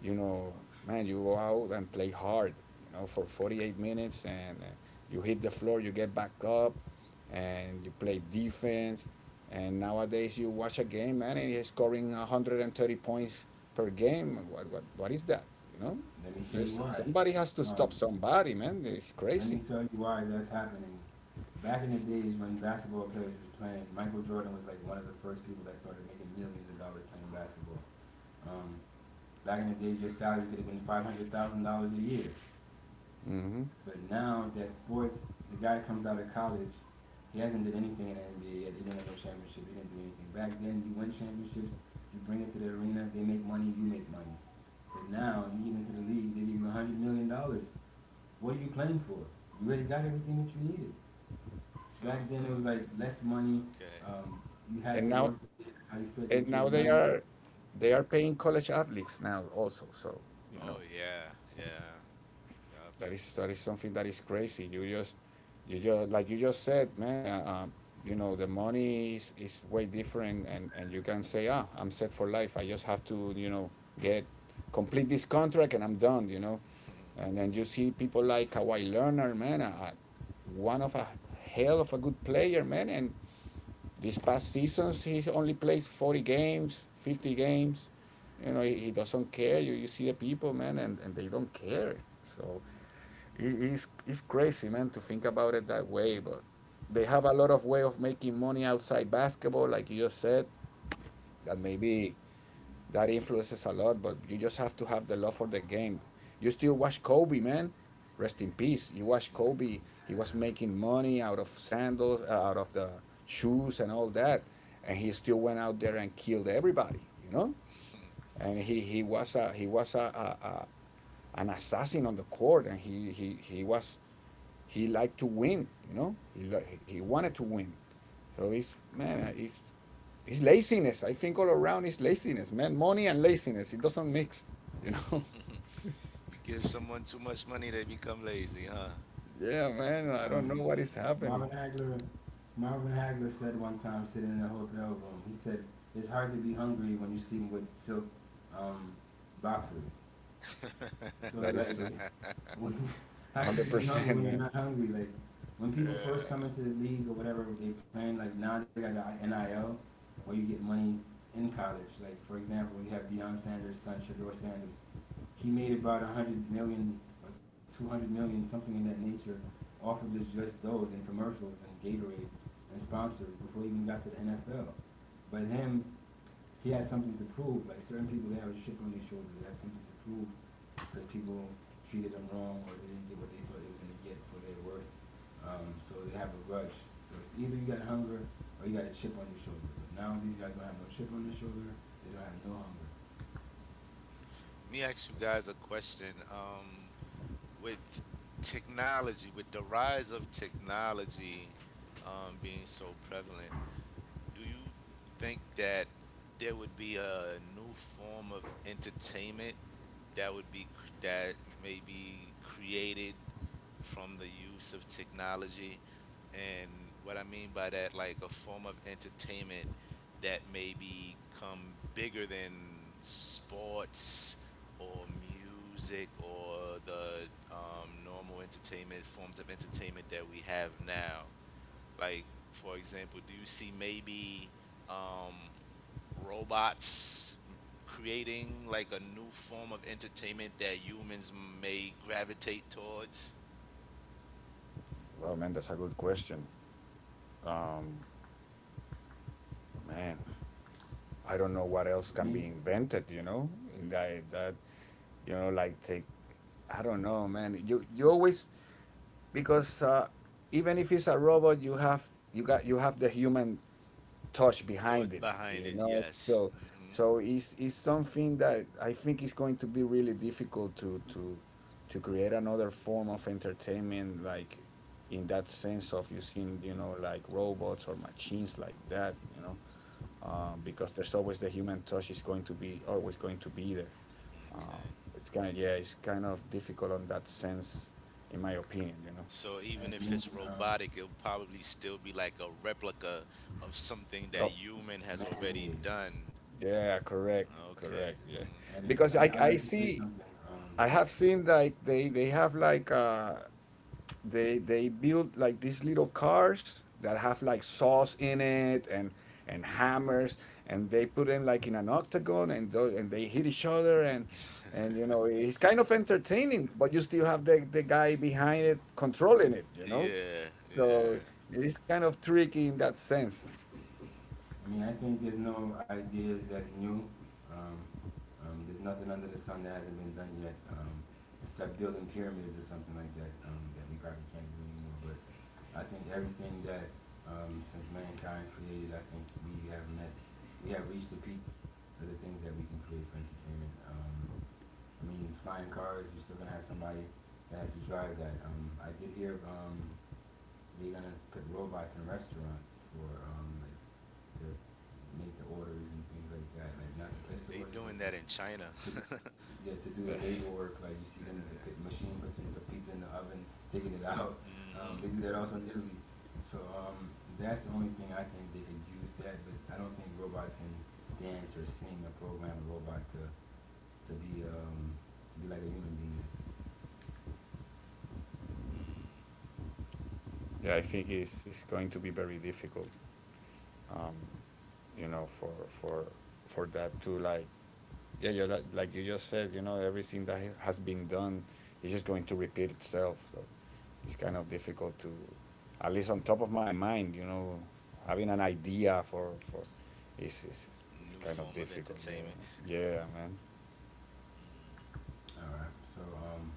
You know, man, you go out and play hard, you know, for forty-eight minutes, and uh, you hit the floor, you get back up, and you play defense. And nowadays you watch a game, man, and he's scoring one hundred thirty points per game. What, what, what is that, you know?
Let me tell you
Yes,
why.
somebody has to stop
Um,
somebody, man. It's
let me
crazy.
tell you why that's happening. Back in the days when basketball players was playing, Michael Jordan was like one of the first people that started making millions of dollars playing basketball. Um, back in the days, your salary could have been five hundred thousand dollars a year.
Hmm.
But now that sports, the guy comes out of college, he hasn't did anything in the N B A yet. He didn't win no championship. He didn't do anything. Back then, you win championships, you bring it to the arena, they make money, you make money. But now you get into the league, they give you a hundred million dollars. What are you playing for? You already got everything that you needed. Back then, it was like less money.
okay.
Um, you had
And
to
now,
work. That's how you fed your
and
kids.
now
Now you,
they are, they are paying college athletes now also. So, you
Oh
know.
yeah. Yeah. Yup.
That is that is something that is crazy.
Mm.
You just you just Like you just said, man. Uh, uh, you know, the money is, is way different, and and you can say, ah, I'm set for life. I just have to, you know, get complete this contract, and I'm done. You know. And then you see people like Kawhi Leonard, man. Uh, uh, one of a hell of a good player, man. And these past seasons, he only plays forty games, fifty games. You know, he, he doesn't care. You, you see the people, man, and, and, they don't care. So it- it's, it's crazy, man, to think about it that way. But they have a lot of way of making money outside basketball, like you just said, that maybe that influences a lot. But you just have to have the love for the game. You still watch Kobe, man. Rest in peace. You watch Kobe. He was making money out of sandals, uh, out of the shoes and all that, and he still went out there and killed everybody, you know? And he, he was a he was a, a, a an assassin on the court. And he, he, he was he liked to win. You know, he he wanted to win. So he's man, uh, he's he's laziness. I think all around is laziness, man. Money and laziness, it doesn't mix. You know.
you give someone too much money, they become lazy, huh?
yeah, man. I don't
um,
know what is
Mm.
Marvin
happening.
Hagler, Marvin Hagler said one time sitting in a hotel room. He said it's hard to be hungry when you're sleeping with silk um, boxers. So it's
That
like,
is true.
when, how could you
Hundred
be hungry
percent,
when you're
man.
not hungry? Like when
Yeah.
people first come
Let
into the league or whatever, they playing like now they got the N I L where you get money in college. Like for example, you have Deion Sanders' son Shador Sanders. He made about a hundred million, or two hundred million, something in that nature, off of just just those and commercials and Gatorade and sponsors before he even got to the N F L. But him, he has something to prove. Like certain people, they have a chip on their shoulder. They have something to prove because people treated them wrong or they didn't get what they thought they was gonna get for their worth. Um, so they have a grudge. So it's either you got hunger or you got a chip on your shoulder. But now these guys don't have no chip on their shoulder. They don't have no hunger.
me ask you guys a question. Um, with technology, with the rise of technology um, being so prevalent, do you think that there would be a new form of entertainment that would be cr- that may be created from the use of technology? And what I mean by that, like a form of entertainment that may become bigger than sports or music or the um, normal entertainment, forms of entertainment that we have now. Like, for example, do you see maybe um, robots creating like a new form of entertainment that humans may gravitate towards.
Well, man, that's a good question. Um, Man, I don't know what else
For
can
me,
be invented. You know. In that that, you know, like, take. I don't know, man. You you always because, uh, even if it's a robot, you have you got you have the human touch behind
Thought
it,
behind
you
it,
know.
yes.
So
Hmm.
so it's it's something that I think is going to be really difficult to to to create another form of entertainment, like, in that sense of using, you know, like robots or machines like that, you know, uh, because there's always the human touch is going to be always going to be there. Uh,
Okay.
it's kind of yeah, it's kind of difficult on that sense, in my opinion, you know.
So, even
I
if
mean,
it's
um,
robotic, it'll probably still be like a replica of something that human has already
man-made.
done.
Yeah, correct,
Okay.
correct. Yeah,
Okay.
And
because I
I, I'd
I
like to say
see
something. Um,
I have seen, like, they they have, like, uh they they build like these little cars that have like saws in it, and and hammers, and they put them like in an octagon, and tho- and they hit each other, and and you know, it's kind of entertaining, but you still have the the guy behind it controlling it, you know.
Yeah. Yeah.
So it's kind of tricky in that sense.
I mean, I think there's no ideas that's new. Um, um, there's nothing under the sun that hasn't been done yet, um, except building pyramids or something like that um, that we probably can't do anymore. But I think everything that um, since mankind created, I think we have met, we have reached the peak of the things that we can create for entertainment. Um, I mean, flying cars, you're still gonna have somebody that has to drive that. Um, I did hear um, they're gonna put robots in restaurants for um like to make the orders and things like that. Like not to place
Yeah,
the
they
orders, but
doing
to,
that in China.
to do,
yeah.
yeah, to do the labor work. Like you see them, the pi- machine puts in the pizza in the oven, taking it out. Um, they do
Mm-hmm.
that also in Italy. So um, that's the only thing I think they could use that, but I don't think robots can dance or sing or program a robot to to be um to be like a human being is.
Mm.
Yeah, I think it's it's going to be very difficult. um, you know, for for for that to like, yeah, you, like, like you just said, you know, everything that ha- has been done is just going to repeat itself. So it's kind of difficult to, at least on top of my mind, you know, having an idea for for, is is is
New
kind of
form of
difficult. Yeah,
entertainment.
yeah, man.
Mm.
All right. So um,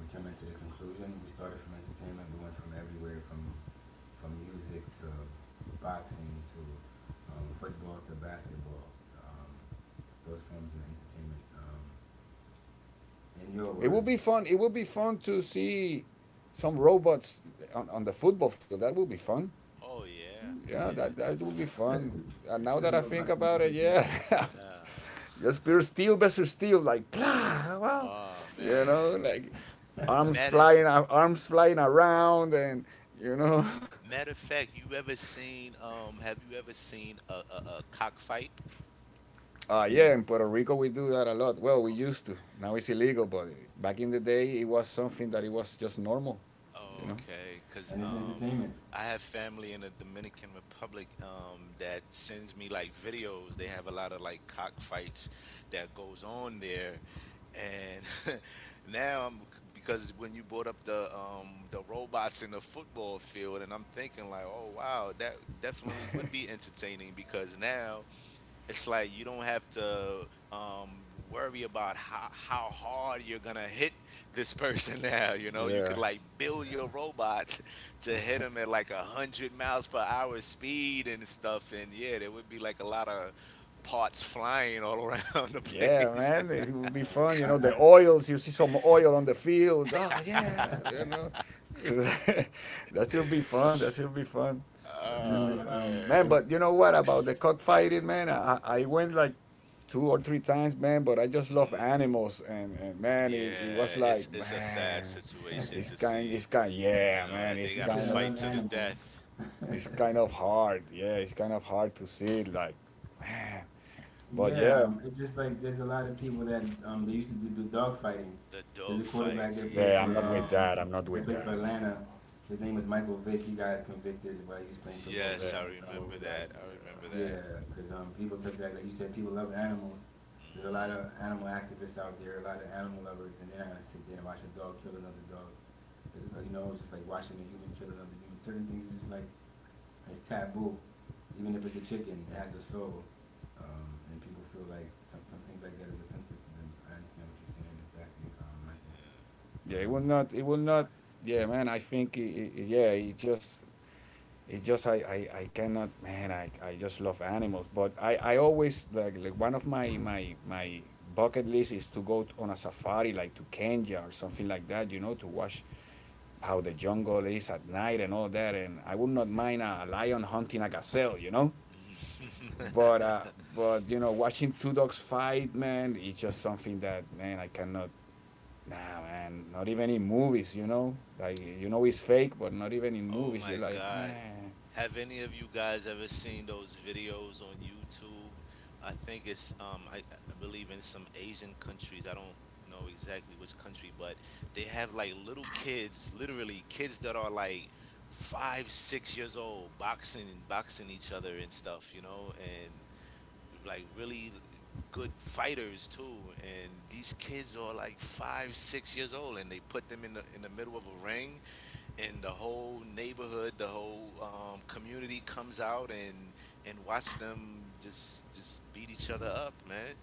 we came to the conclusion. We started from entertainment. We went from everywhere, from from music to boxing to um, football to basketball. To, um, those forms of entertainment. Um, in your
It will
words,
be fun. It will be fun to see some robots on, on the football field. That will be fun.
Oh yeah,
Yeah, that
yeah,
that will be
definitely.
fun. And now that
some
I think
robots in the
about it, yeah,
football.
just
Yeah.
pure steel versus steel, like, blah, wow,
Oh
you know,
man.
like arms
Matter
flying, arms flying around, and you know.
Matter of fact, you ever seen um have you ever seen a a, a cockfight?
Uh, yeah,
Yes,
in Puerto Rico we do that a lot. Well, we used to. Now it's illegal, but back in the day it was something that it was just normal, you know.
Okay, because
and it's
um,
entertainment.
I have family in the Dominican Republic um, that sends me like videos. They have a lot of like cockfights that goes on there. And now I'm, because when you brought up the um, the robots in the football field, and I'm thinking like, oh wow, that definitely would be entertaining, because now it's like you don't have to um, worry about how, how hard you're gonna hit this person now. You know, you could
Yeah.
like build your robot to hit him at like a hundred miles per hour speed and stuff. And yeah, there would be like a lot of parts flying all around the
Yeah,
place.
man, it would be fun. You
And
know,
I,
the
I,
oils, you see some oil on the field. Oh, yeah, you know. that should be fun. That should be fun. That should be
me,
Oh
fun.
um,
man,
Man,
if
but you know what about the cockfighting, man? I, I went like two or three times, man, but I just love animals. And, and man, it, it
yeah,
was
it's
like,
it's a sad
man,
situation
it's
to
kind,
see.
it's kind,
You
yeah,
know
man,
that they
it's
you
gotta
said I
kind of,
fight
love
to the
animals.
death.
it's kind of hard. Yeah, it's kind of hard to see, like, man. But yeah,
Yeah, um, it's just like there's a lot of people that um, they used to do, the dog fighting.
The
There's
dog
a quarterback
fights,
that played
Yeah, I'm
for
not with
yeah.
um,
that. I'm not
that
with
played for
that, man.
Atlanta. His name was Michael Vick. He got convicted while he was playing football
No.
for the
Yes,
Yeah,
I
N F L
remember
over that.
that. I
yeah,
remember that.
Yeah, because um, people took that. Like you said, people love animals. There's a lot
Hmm.
of animal activists out there, a lot of animal lovers, and they're not gonna sit there and watch a dog kill another dog. It's, uh, you know, it's just like watching a human kill another human. Certain things, it's just like it's taboo, even if it's a chicken. It has a soul, um, and people feel like some, some things like that is offensive to them. I understand what you're saying exactly, um, Michael.
Yeah.
yeah.
But
It
um,
will
some
not. It
people
will
also
not.
find it
Yeah,
entertaining.
man. I think. It, it, yeah, it just. It just. I. I. I cannot. Man. I. I just love animals. But I. I always like. Like one of my my my bucket list is to go t- on a safari like to Kenya or something like that, you know, to watch how the jungle is at night and all that. And I would not mind a, a lion hunting a gazelle, you know. but uh, but you know, watching two dogs fight, man, it's just something that man I cannot. Nah, man, not even in movies, you know. Like you know, it's fake, but not even in
Oh
movies, you're
my
like,
God.
man,
Have any of you guys ever seen those videos on YouTube? I think it's um I, I believe in some Asian countries. I don't know exactly which country, but they have like little kids, literally kids that are like five, six years old, boxing boxing each other and stuff, you know, and like really good fighters too, and these kids are like five, six years old, and they put them in the in the middle of a ring, and the whole neighborhood, the whole um, community comes out and and watch them just just beat each other up, man.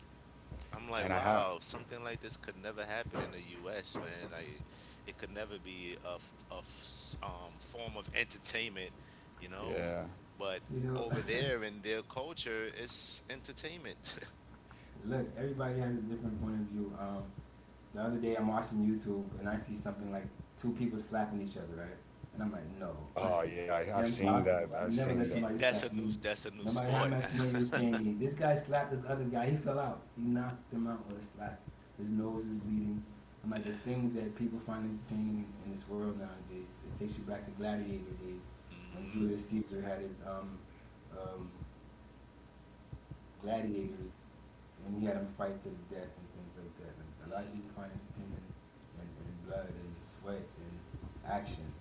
I'm
man,
like,
I have,
wow, something like this could never happen in the U S, man. Like, it could never be a, f- a f- s- um, form of entertainment, you know.
yeah.
But
You know,
over there in their culture, it's entertainment.
Look, everybody has a different point of view. Um, the other day I'm watching YouTube and I see something like two people slapping each other, right? And I'm like, no.
Oh yeah, I have seen
Impossible.
that.
I
I've
never
seen
let
Y-
that.
somebody
that's a
slap
new
me.
that's a new
No matter how
sport.
much money he was paying me. This guy slapped the other guy. He fell out. He knocked him out with a slap. His nose is bleeding. I'm like, the things that people find entertaining in, in this world nowadays, it takes you back to gladiator days when
Hmm.
Julius Caesar had his um, um, gladiators and he had them fight to the death and things like that. Like, a lot of people find entertainment in, in blood and sweat and action.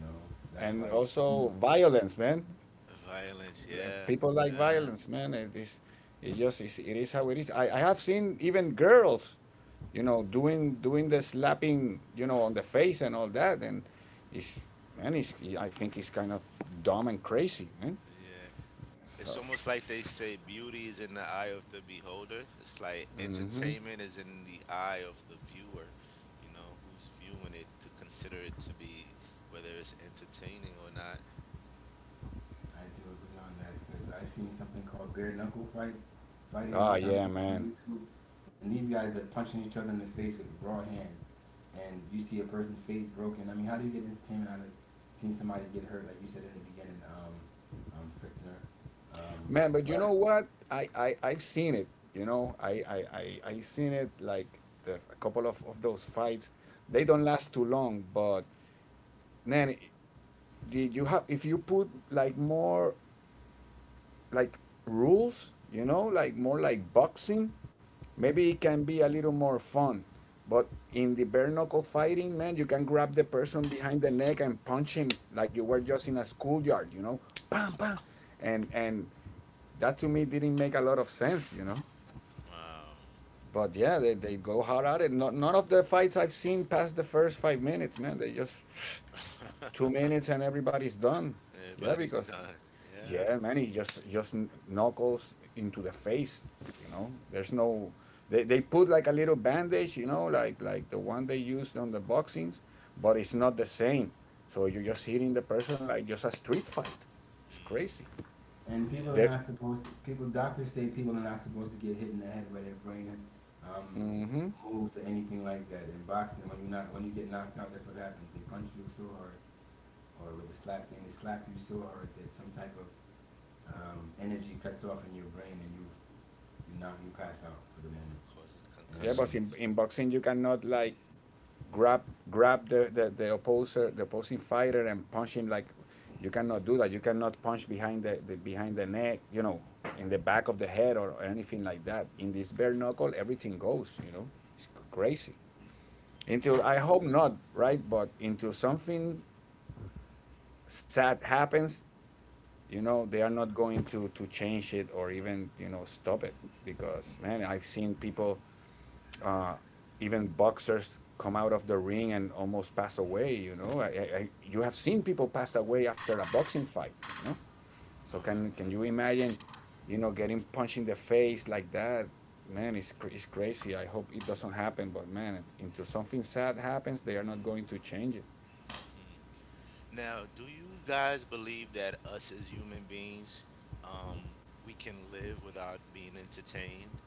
You know, that's
And
why they.
also violence, man.
Violence, yeah,
People like
yeah,
violence, man. It is, it just is. It is how it is. I, I have seen even girls, you know, doing doing the slapping, you know, on the face and all that, and it's man, it's, I think it's kind of dumb and crazy, man.
yeah.
So,
It's almost like they say beauty is in the eye of the beholder. It's like
mm-hmm.
entertainment is in the eye of the viewer, you know, who's viewing it to consider it to be whether it's entertaining or not.
I do agree on that because I seen something called bare knuckle fight, fighting
ah,
one time
yeah,
on
man,
YouTube, and these guys are punching each other in the face with raw hands, and you see a person's face broken. I mean, how do you get entertainment out of seeing somebody get hurt, like you said in the beginning, um, um, Fritzner? Um,
man. But you know what? I I I've seen it. You know, I I I I seen it like the, a couple of of those fights. They don't last too long, but man, did you have if you put like more like rules, you know, like more like boxing. Maybe it can be a little more fun. But in the bare knuckle fighting, man, you can grab the person behind the neck and punch him like you were just in a schoolyard, you know, bam, bam. And and that to me didn't make a lot of sense, you know.
Wow.
But yeah, they, they go hard at it. Not, none of the fights I've seen past the first five minutes, man. They just two minutes and everybody's done. Yeah,
Everybody's
because
done. Yeah.
yeah, man, it just just kn- knuckles into the face, you know. There's no they, they put like a little bandage, you know, like like the one they used on the boxings, but it's not the same. So you're just hitting the person like just a street fight. It's crazy.
Hmm.
and people are
Yeah.
There,
not supposed to. People, doctors say people are not supposed to get hit in the head where their brain um,
mm-hmm.
moves or anything like that. In boxing, when you not when you get knocked out, that's what happens. They punch you so hard or with a slap, and the slap you so hard that some type of um, energy cuts off in your brain and you you knock you pass out for the
Yeah.
moment.
Causing
And
Yeah, but
um,
in,
concussions.
in boxing you cannot like grab grab the, the, the opposer the opposing fighter and punch him like you cannot do that, you cannot punch behind the, the behind the neck, you know, in the back of the head or, or anything like that. In this bare knuckle everything goes, you know. It's crazy until,
No
I hope
roads.
not, right, but until something sad happens, you know, they are not going to to change it or even, you know, stop it. Because man, I've seen people uh, even boxers come out of the ring and almost pass away. You know, I, I, I- you have seen people pass away after a boxing fight. You know, so can can
Uh-huh.
you imagine, you know, getting punched in the face like that? Man, it's cr- it's crazy. I hope it doesn't happen. But man, until something sad happens, they are not going to change it.
Hmm. Now, do you guys believe that us as human beings, um, we can live without being entertained?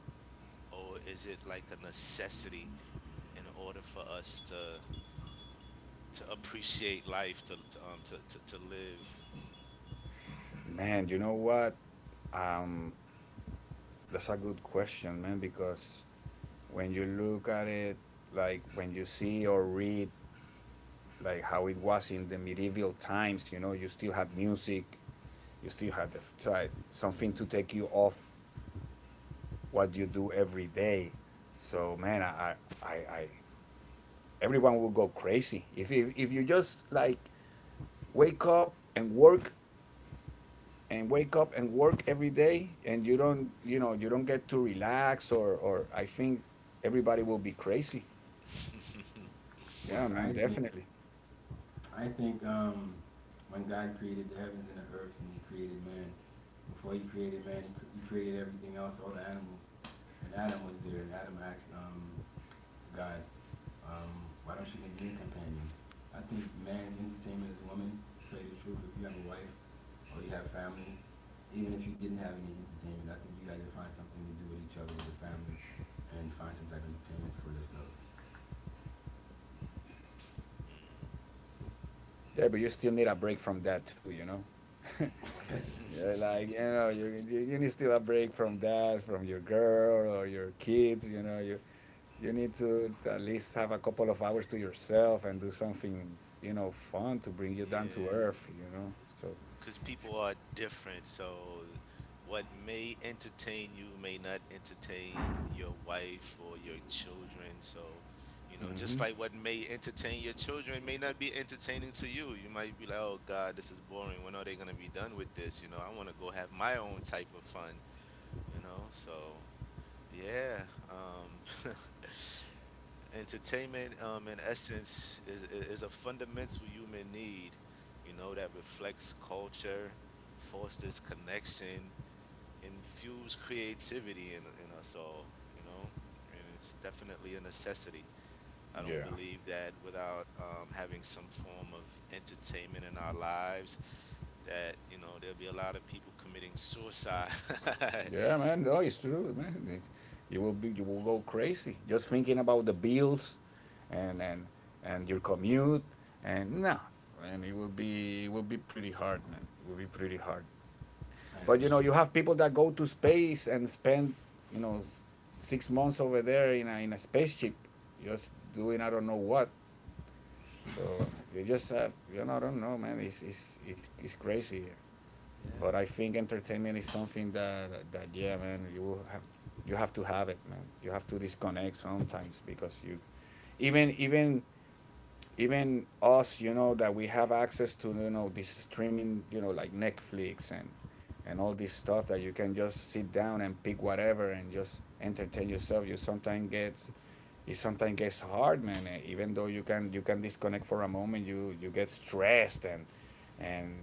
Or is it like a necessity in order for us to to appreciate life to, to um to, to, to live.
Man, you know what? Um, that's a good question, man. Because when you look at it, like when you see or read like how it was in the medieval times. You know, you still had music, you still had the, so something to take you off what you do every day. So man, I, I, I, everyone will go crazy if you, if you just like wake up and work and wake up and work every day and you don't, you know, you don't get to relax. or or I think everybody will be crazy.
well,
Yeah, man,
I think
definitely.
I think um, when God created the heavens and the earth and He created man, before He created man, He, cr- he created everything else, all the animals, and Adam was there, and Adam asked um, God, Um, why don't you make me a companion? I think man's entertainment is woman. To tell you the truth, if you have a wife or you have family, even if you didn't have any entertainment, I think you guys would find something to do with each other, with the family, and find some type of entertainment for yourselves.
Yeah, but you still need a break from that too, you know. Yeah, like you know, you, you you need still a break from that, from your girl or your kids. You know, you you need to at least have a couple of hours to yourself and do something, you know, fun to bring you down to
Yeah,
earth. You know, so
because people are different, so what may entertain you may not entertain your wife or your children, so you know just
mm-hmm.
like what may entertain your children may not be entertaining to you. You might be like, oh God, this is boring, when are they going to be done with this you know i want to go have my own type of fun you know so Yeah. Um, entertainment, um, in essence, is, is a fundamental human need, you know, that reflects culture, fosters connection, infuse creativity in, in us all, you know? And it's definitely a necessity. I don't
Yeah,
believe that without um, having some form of entertainment in our lives, that, you know, there'll be a lot of people committing suicide.
yeah, man. No, it's true, man. It, you will be you will go crazy just thinking about the bills, and and and your commute, and no, and it will be it will be pretty hard, man. It will be pretty hard.
I
But you know,
Yes.
do.
you have people that go to space and spend, you know, six months over there in a, in a spaceship, just doing I don't know what. So they just have, you know, I don't know, man. It's it's it's, it's crazy. But
Yeah,
I think entertainment is something that that yeah, man. You will have you have to have it, man. You have to disconnect sometimes because you, even even even us, you know, that we have access to, you know, this streaming, you know, like Netflix and and all this stuff that you can just sit down and pick whatever and just entertain yourself. You sometimes gets it sometimes gets hard, man. eh, Even though you can, you can disconnect for a moment, you you get stressed and and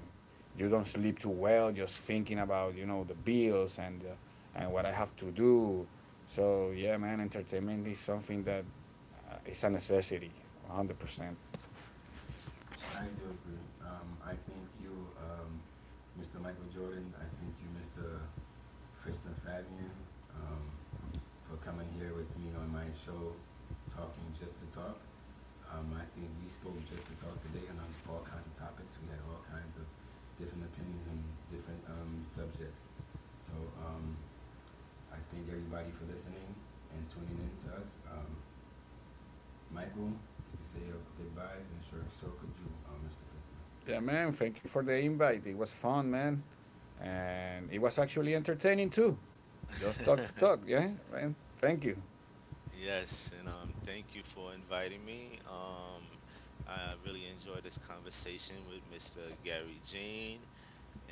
you don't sleep too well just thinking about, you know, the bills and uh, and what I have to do. So yeah, man, entertainment is something that uh, it's a necessity, one hundred percent.
I do agree. Um, I think you, um, Mister Michael Jordan. I think you, Mister Kristen Fabian, um, for coming here with me on my show, talking just to talk. Um, I think we spoke just to talk today on all kinds of topics. We had all kinds of different opinions on different um, subjects. So um, I thank everybody for listening and tuning in to us. Um, Michael, you can say your goodbyes, and sure, so could you, um, Mister Fitzman.
Yeah, man. Thank you for the invite. It was fun, man. And it was actually entertaining too. Just talk to
one hundred percent.
talk. Yeah, man. Thank you.
Yes, and um, thank you for inviting me. Um, I really enjoyed this conversation with Mister Gary Jean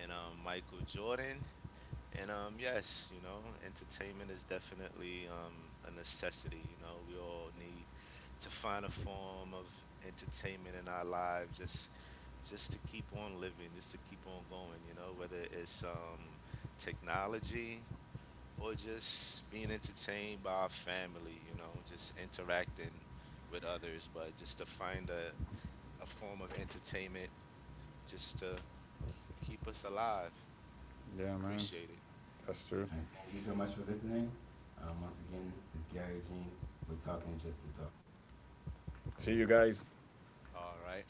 and um, Michael Jordan. And um, yes, you know, entertainment is definitely um, a necessity. You know, we all need to find a form of entertainment in our lives just just to keep on living, just to keep on going. You know, whether it's um, technology, or just being entertained by our family, you know, just interacting with others, but just to find a, a form of entertainment just to keep us alive.
Yeah, man.
Appreciate it.
That's true.
All right, thank you so much for listening. Um, once again, it's Gary Jean. We're talking just to talk.
See you guys.
All right.